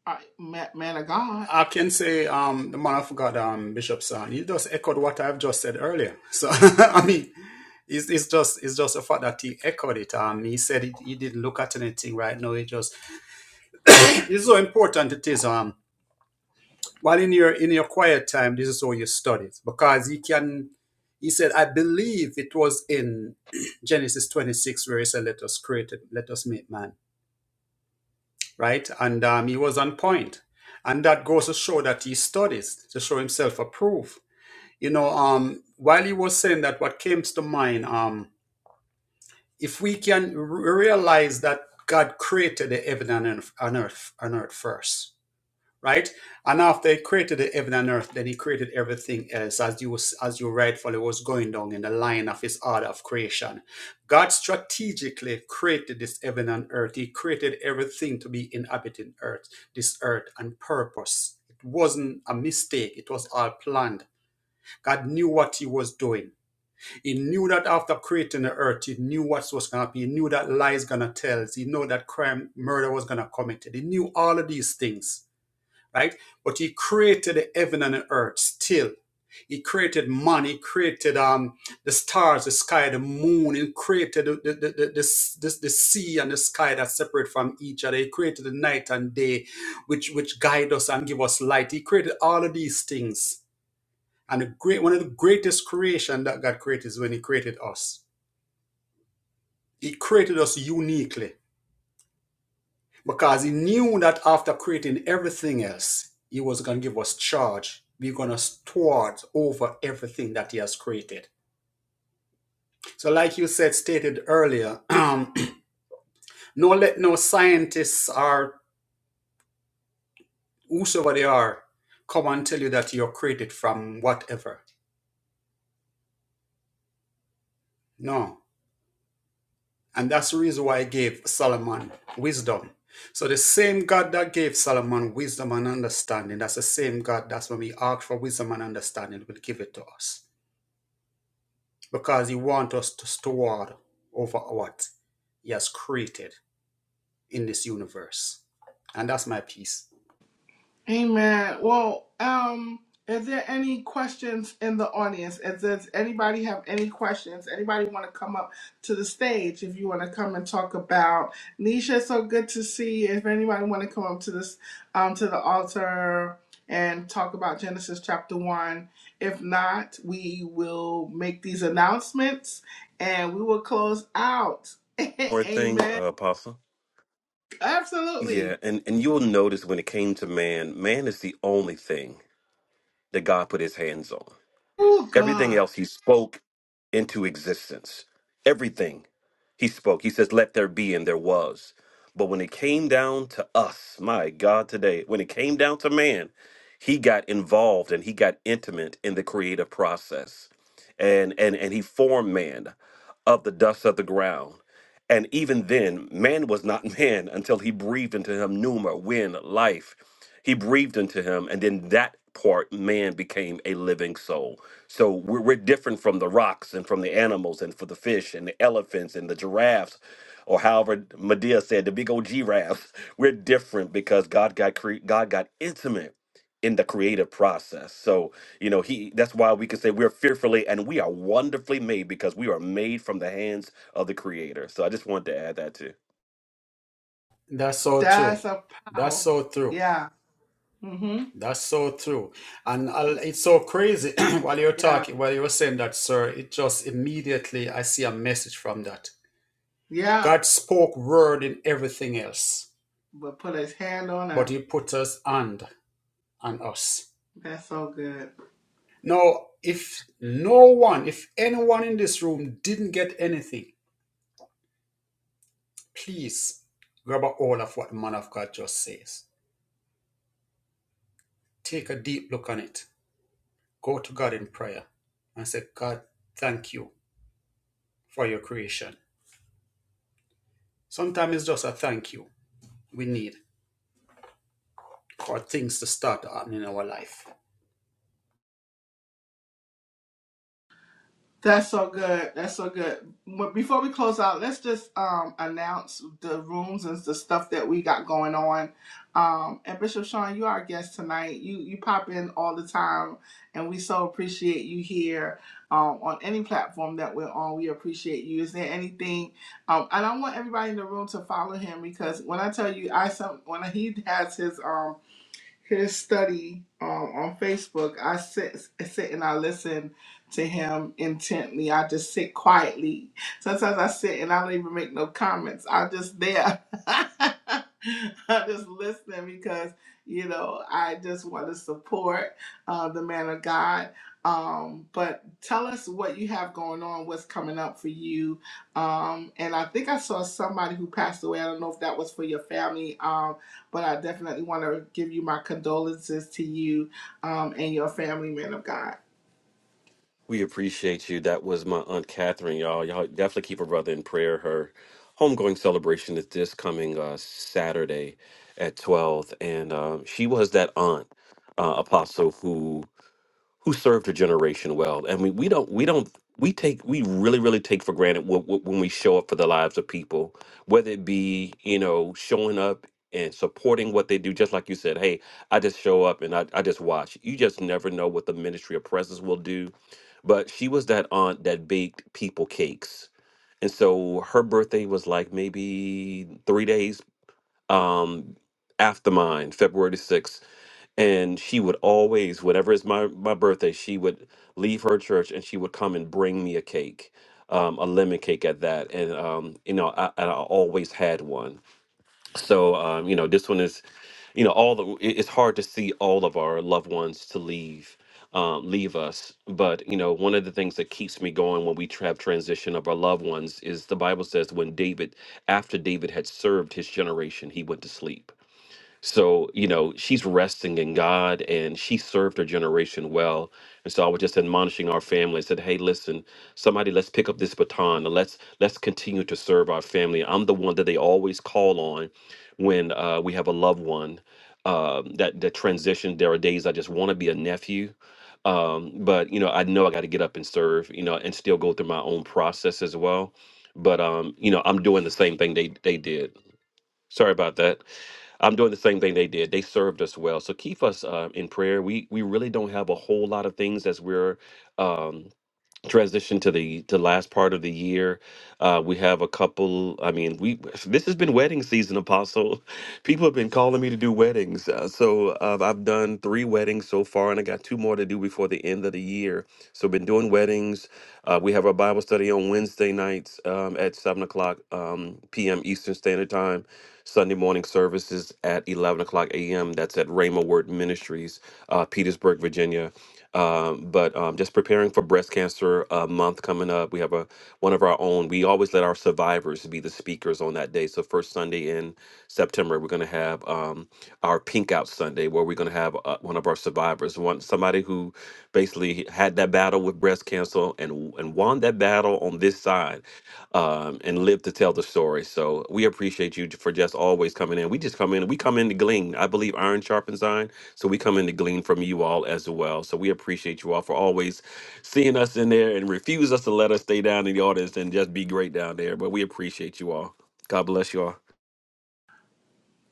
S1: Uh, ma- man of God.
S2: I can say um, the man of God, um, Bishop Son, he just echoed what I've just said earlier. So (laughs) I mean, it's, it's just it's just the fact that he echoed it. Um, he said he, he didn't look at anything right now. He just (coughs) it's so important. It is um while in your in your quiet time, this is how you study it because he can. He said, I believe it was in (coughs) (clears throat) Genesis 26 where he said, "Let us create it, let us make man." right? And um, he was on point. And that goes to show that he studies to show himself approved. You know, um, while he was saying that, what came to mind, um, if we can r- realize that God created the heaven and earth, on earth, on earth first, right? And after he created the heaven and earth, then he created everything else, as you was- as you rightfully was going down in the line of his order of creation. God strategically created this heaven and earth. He created everything to be inhabiting earth, this earth, and purpose. It wasn't a mistake. It was all planned. God knew what he was doing. He knew that after creating the earth, he knew what was going to happen. He knew that lies going to tell. He knew that crime, murder was going to be committed. He knew all of these things right? But he created the heaven and the earth still. He created man, he created um, the stars, the sky, the moon, he created the, the, the, the, the, the, the sea and the sky that separate from each other. He created the night and day, which, which guide us and give us light. He created all of these things. And the great, one of the greatest creation that God created is when he created us. He created us uniquely because he knew that after creating everything else, he was going to give us charge. We're going to steward over everything that he has created. So, like you said, stated earlier, (clears throat) no let no scientists or whosoever they are come and tell you that you're created from whatever. No. And that's the reason why I gave Solomon wisdom. So the same God that gave Solomon wisdom and understanding, that's the same God that's when we ask for wisdom and understanding, will give it to us. because he wants us to steward over what he has created in this universe. And that's my piece.
S1: Amen. Well, um, is there any questions in the audience? If does anybody have any questions? Anybody want to come up to the stage? If you want to come and talk about Nisha, so good to see. you. If anybody want to come up to this, um, to the altar and talk about Genesis chapter one. If not, we will make these announcements and we will close out. (laughs)
S3: More thing,
S1: Amen.
S3: uh, Apostle. Yeah,
S1: Absolutely.
S3: and and you'll notice when it came to man, man is the only thing that God put his hands on.
S1: Oh
S3: Everything
S1: God,
S3: else he spoke into existence. Everything he spoke. He says, "Let there be," and there was. But when it came down to us, my God, today, when it came down to man, he got involved and he got intimate in the creative process, and and and he formed man of the dust of the ground. And even then, man was not (laughs) man until he breathed into him pneuma, wind, life. He breathed into him, and then that part, man became a living soul. So we're, we're different from the rocks and from the animals and for the fish and the elephants and the giraffes, or however Medea said, the big old giraffes. (laughs) We're different because God got cre- God got intimate in the creative process. So you know he that's why we can say we're fearfully and we are wonderfully made because we are made from the hands of the creator. So I just wanted to add that too.
S2: That's so true.
S1: that's a
S2: That's
S1: power.
S2: so true.
S1: Yeah. Mm-hmm.
S2: That's so true. And i it's so crazy (clears throat) while you're
S1: Yeah.
S2: talking, while you were saying that, sir, it just immediately I see a message from that.
S1: Yeah.
S2: God spoke word in everything else,
S1: But put his hand on
S2: but
S1: her.
S2: he put us and on us.
S1: That's so good.
S2: Now, if no one, if anyone in this room didn't get anything, Please grab a hold of what the man of God just says. Take a deep look on it. Go to God in prayer and say, God, thank you for your creation. Sometimes it's just a thank you we need for things to start happening in our life.
S1: That's so good. That's so good. But before we close out, let's just um announce the rooms and the stuff that we got going on. Um and Bishop Sean, you are our guest tonight. You you pop in all the time and we so appreciate you here um on any platform that we're on. We appreciate you. Is there anything um and I want everybody in the room to follow him because when I tell you I some when he has his um his study um, on Facebook. I sit I sit and I listen to him intently. I just sit quietly. Sometimes I sit and I don't even make no comments. I'm just there. (laughs) I'm just listening because you know I just want to support uh, the man of God. Um, but tell us what you have going on, what's coming up for you. Um, and I think I saw somebody who passed away. I don't know if that was for your family. Um, but I definitely want to give you my condolences to you um, and your family, man of God.
S3: We appreciate you. That was my Aunt Catherine, y'all. Y'all definitely keep her brother in prayer. Her homegoing celebration is this coming uh, Saturday at 12. And um, she was that aunt, uh, Apostle, who who served a generation well. and we we don't, we don't, we take, we really, really take for granted wh- wh- when we show up for the lives of people, whether it be, you know, showing up and supporting what they do. Just like you said, hey, I just show up and I, I just watch. You just never know what the ministry of presence will do. But she was that aunt that baked people cakes. And so her birthday was like maybe three days um, after mine, February the 6th. And she would always, whatever is my, my birthday, she would leave her church and she would come and bring me a cake, um, a lemon cake at that. And, um, you know, I, and I always had one so um, you know this one is you know all the it- it's hard to see all of our loved ones to leave um, leave us but you know one of the things that keeps me going when we tra- have transition of our loved ones is the bible says when david after david had served his generation he went to sleep so, you know, she's resting in God and she served her generation well. And so I was just admonishing our family and said, Hey, listen, somebody let's pick up this baton and let's let's continue to serve our family. I'm the one that they always call on when uh, we have a loved one um, that that transition. There are days I just want to be a nephew. Um, but you know, I know I gotta get up and serve, you know, and still go through my own process as well. But um, you know, I'm doing the same thing they they did. Sorry about that. I'm doing the same thing they did. They served us well. So keep us uh, in prayer. We we really don't have a whole lot of things as we're um, transitioned to the to last part of the year. Uh, we have a couple. I mean, we this has been wedding season, Apostle. (laughs) People have been calling me to do weddings. Uh, so uh, I've done three weddings so far, and I got two more to do before the end of the year so been doing weddings. Uh, we have our Bible study on Wednesday nights um, at seven o'clock um, p.m. Eastern Standard Time. Sunday morning services at eleven o'clock a.m. That's at Rhema Word Ministries, uh, Petersburg, Virginia. Um, but um, just preparing for breast cancer uh, month coming up. We have a one of our own. We always let our survivors be the speakers on that day. So first Sunday in September, we're going to have um, our Pink Out Sunday, where we're going to have uh, one of our survivors, one somebody who basically had that battle with breast cancer and and won that battle on this side um, and lived to tell the story. So we appreciate you for just always coming in. We just come in, we come in to glean. I believe iron sharpens iron. So we come in to glean from you all as well. So we appreciate you all for always seeing us in there and refuse us to let us stay down in the audience and just be great down there. But we appreciate you all. God bless you all.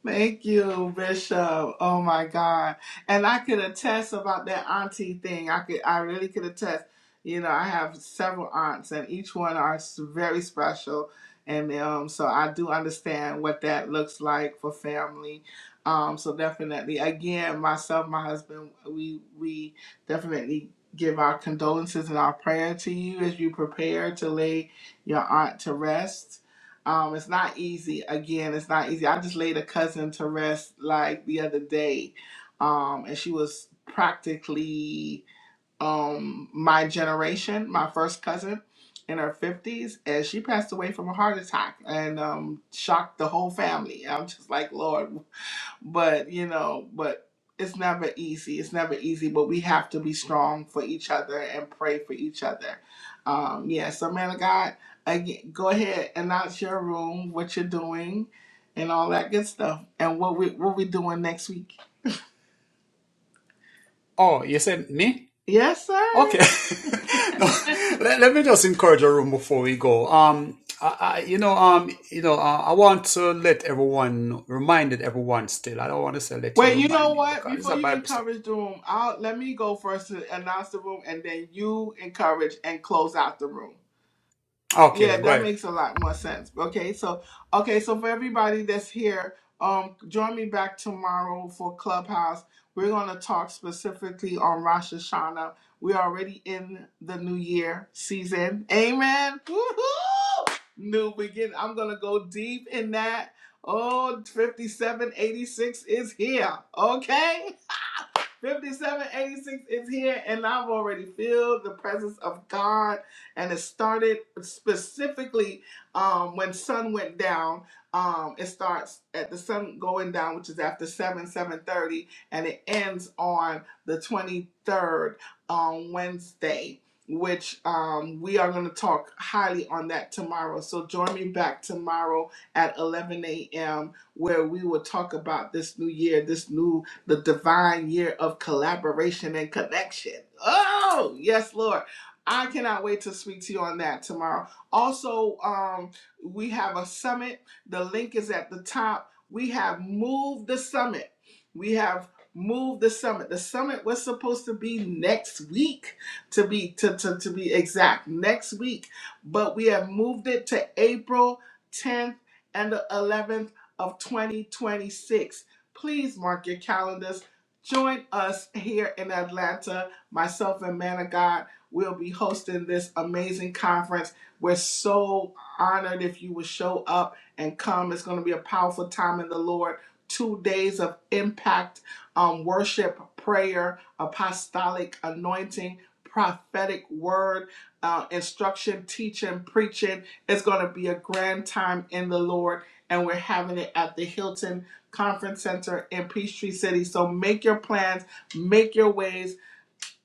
S1: Thank you, Bishop. Oh my God. And I could attest about that auntie thing. I could I really could attest. You know, I have several aunts and each one are s- very special. And um, so I do understand what that looks like for family. Um, so definitely again, myself, my husband, we we definitely give our condolences and our prayer to you as you prepare to lay your aunt to rest um, it's not easy. Again, it's not easy. I just laid a cousin to rest like the other day, um, and she was practically um my generation, my first cousin, in her fifties, and she passed away from a heart attack and um shocked the whole family. I'm just like, Lord, but you know, but it's never easy. It's never easy, but we have to be strong for each other and pray for each other. Um, yeah, so man of God, again, go ahead and announce your room, what you're doing, and all that good stuff, and what we what we doing next week.
S2: Oh, you said me?
S1: Yes, sir.
S2: Okay. (laughs) no, let, let me just encourage a room before we go. Um, I, I, you know, um, you know, uh, I want to let everyone reminded everyone still. I don't want to say let you
S1: Wait, you
S2: remind
S1: know
S2: you
S1: what?
S2: because it's
S1: Before
S2: a
S1: you
S2: Bible study.
S1: encourage the room, I'll let me go first to announce the room, and then you encourage and close out the room.
S2: Okay, then
S1: Yeah,
S2: go
S1: that
S2: ahead.
S1: makes a lot more sense. Okay, so okay, so for everybody that's here, um, join me back tomorrow for Clubhouse. We're gonna talk specifically on Rosh Hashanah. We're already in the new year season. Amen. Woohoo! New beginning. I'm gonna go deep in that. Oh, fifty-seven eighty-six is here. Okay. (laughs) 5786 is here, and I've already feel the presence of God. And it started specifically um, when sun went down. Um, it starts at the sun going down, which is after 7, 7.30, and it ends on the 23rd on Wednesday, which um, we are going to talk highly on that tomorrow. So join me back tomorrow at 11 a.m., where we will talk about this new year, this new the divine year of collaboration and connection. Oh, yes, Lord. I cannot wait to speak to you on that tomorrow. Also, um, we have a summit. The link is at the top. We have moved the summit. We have moved the summit. The summit was supposed to be next week, to be to, to, to be exact, next week. But we have moved it to April 10th and the 11th of 2026. Please mark your calendars. Join us here in Atlanta. Myself and Man of God will be hosting this amazing conference. We're so honored if you will show up and come. It's going to be a powerful time in the Lord. Two days of impact, um, worship, prayer, apostolic anointing, prophetic word, uh, instruction, teaching, preaching. It's going to be a grand time in the Lord, and we're having it at the Hilton Conference Center in Peachtree City. So make your plans, make your ways.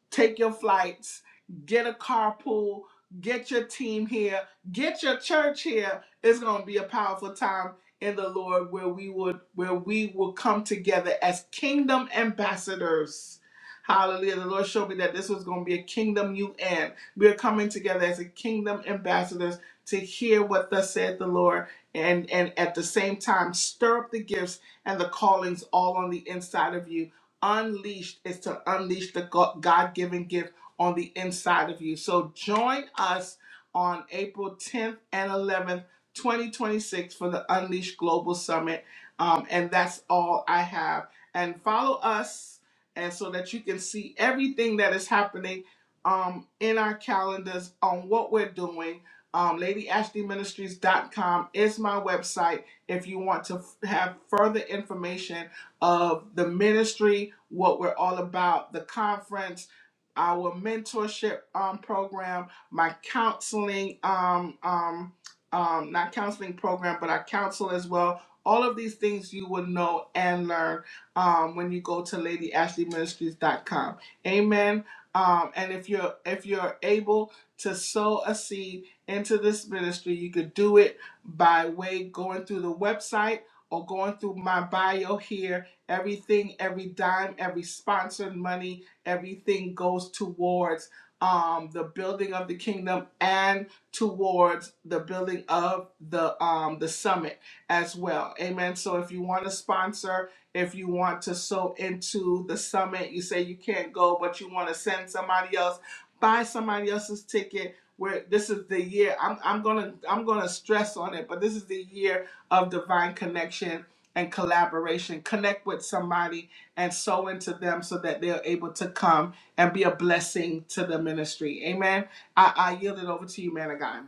S1: Take your flights, get a carpool, get your team here, get your church here. It's going to be a powerful time in the Lord where we would where we will come together as kingdom ambassadors. Hallelujah. The Lord showed me that this was going to be a kingdom UN. We are coming together as a kingdom ambassadors to hear what thus said the Lord and and at the same time stir up the gifts and the callings all on the inside of you unleashed is to unleash the God given gift on the inside of you. So join us on April 10th and 11th, 2026, for the Unleashed Global Summit. Um, and that's all I have. And follow us, and so that you can see everything that is happening um, in our calendars on what we're doing. Um, LadyAshleyMinistries.com is my website if you want to have further information of the ministry, what we're all about, the conference, our mentorship um, program, my counseling, um, um, um, not counseling program, but I counsel as well. All of these things you will know and learn um, when you go to LadyAshleyMinistries.com. Amen. Um, and if you're if you're able to sow a seed into this ministry, you could do it by way going through the website or going through my bio here Everything, every dime, every sponsored money, everything goes towards um, the building of the kingdom and towards the building of the um, the summit as well. Amen. So if you want to sponsor, if you want to sow into the summit, you say you can't go, but you want to send somebody else buy somebody else's ticket where this is the year I'm, I'm gonna i'm gonna stress on it but this is the year of divine connection and collaboration connect with somebody and sow into them so that they're able to come and be a blessing to the ministry amen i, I yield it over to you man of god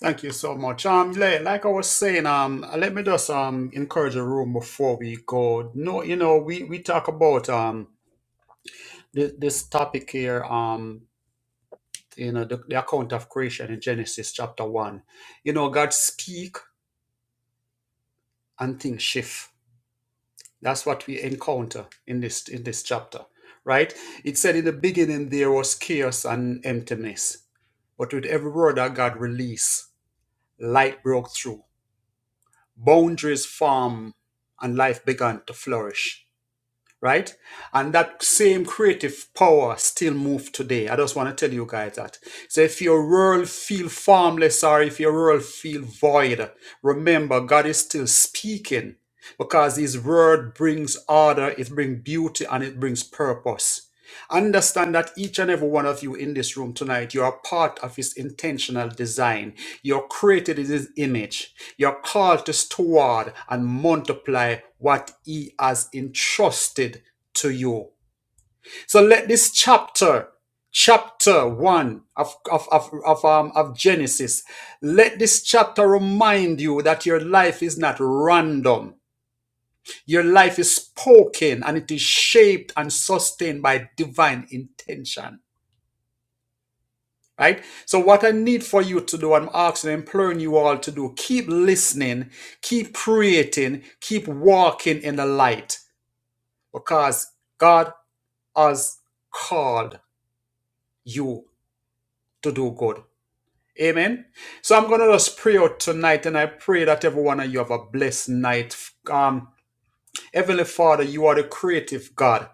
S2: Thank you so much. Um, li- like I was saying, um, let me just um encourage the room before we go. No, you know, we we talk about um this, this topic here. Um, you know, the, the account of creation in Genesis chapter one. You know, God speak and things shift. That's what we encounter in this in this chapter, right? It said in the beginning there was chaos and emptiness, but with every word that God released, light broke through boundaries form and life began to flourish right and that same creative power still moves today i just want to tell you guys that so if your world feel formless or if your world feel void remember god is still speaking because his word brings order it brings beauty and it brings purpose Understand that each and every one of you in this room tonight, you are part of His intentional design. You're created in His image. You're called to steward and multiply what He has entrusted to you. So let this chapter, chapter one of, of, of, of, um, of Genesis, let this chapter remind you that your life is not random. Your life is spoken and it is shaped and sustained by divine intention. right? So, what I need for you to do, I'm asking, and imploring you all to do, keep listening, keep creating, keep walking in the light because God has called you to do good. Amen. So I'm gonna just pray out tonight, and I pray that every one of you have a blessed night. Um, Heavenly Father, you are the creative God.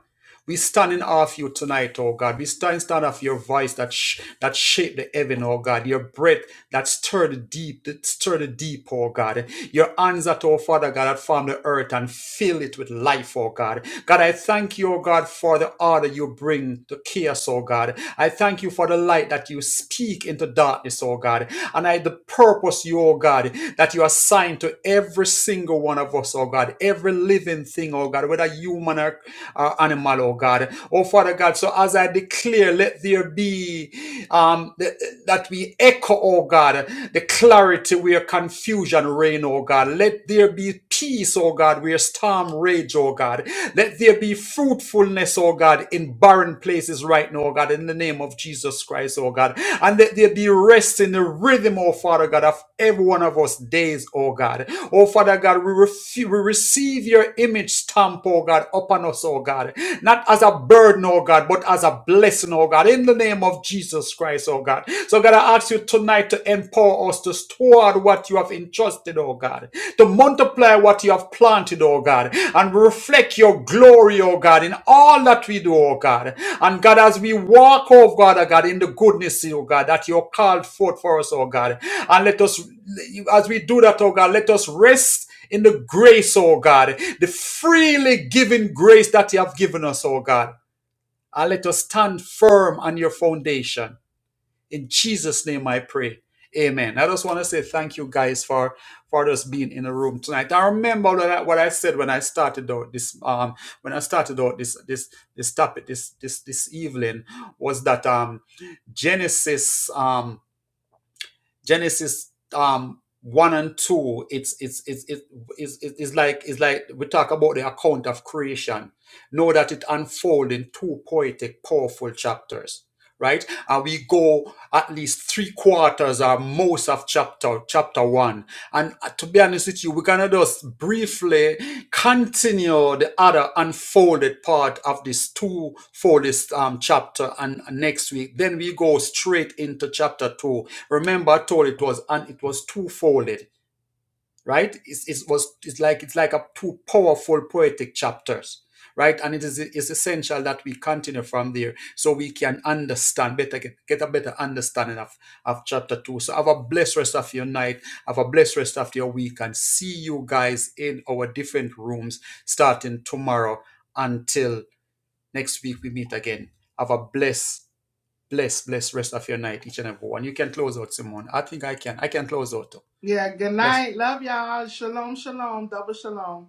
S2: We stand in awe of you tonight, oh God. We stand in awe of your voice that sh- that shaped the heaven, oh God. Your breath that stirred the deep, that stirred the deep, oh God. Your hands that, oh Father God, that formed the earth and filled it with life, oh God. God, I thank you, oh God, for the order you bring to chaos, oh God. I thank you for the light that you speak into darkness, oh God. And I the purpose you, oh God, that you assign to every single one of us, oh God, every living thing, oh God, whether you human or, or animal, oh God. Oh Father God, so as I declare, let there be um, th- that we echo, oh God, the clarity where confusion reign, oh God. Let there be peace, oh God, where storm rage, oh God. Let there be fruitfulness, oh God, in barren places right now, oh God, in the name of Jesus Christ, oh God. And let there be rest in the rhythm, oh Father God, of every one of us days, oh God. Oh Father God, we, refu- we receive receive your image stamp, oh God, upon us, oh God. Not as a burden, oh God, but as a blessing, oh God, in the name of Jesus Christ, oh God. So God, I ask you tonight to empower us to store what you have entrusted, oh God, to multiply what you have planted, oh God, and reflect your glory, oh God, in all that we do, oh God. And God, as we walk, oh God, oh God, in the goodness, oh God, that you called forth for us, oh God. And let us, as we do that, oh God, let us rest in the grace, oh God, the freely given grace that you have given us, oh God. And let us stand firm on your foundation. In Jesus' name I pray. Amen. I just want to say thank you guys for for us being in the room tonight. I remember what I, what I said when I started out this um when I started out this this this topic this this this evening was that um Genesis um Genesis um one and two, it's it's it's it's it's like it's like we talk about the account of creation. Know that it unfolds in two poetic, powerful chapters, right? And we go at least three quarters or most of chapter chapter one. And uh, to be honest with you, we're gonna just briefly continue the other unfolded part of this two-folded um, chapter and next week. Then we go straight into chapter two Remember, I told it was and it was two-folded, right? It's, it was it's like it's like a two powerful poetic chapters, right? And it is it's essential that we continue from there so we can understand better, get, get a better understanding of, of chapter two. So have a blessed rest of your night, have a blessed rest of your week, and see you guys in our different rooms starting tomorrow until next week we meet again. Have a blessed Bless, bless rest of your night, each and every one. You can close out, Simone. I think I can. I can close out too.
S1: yeah good
S2: Bless.
S1: night love y'all shalom shalom double shalom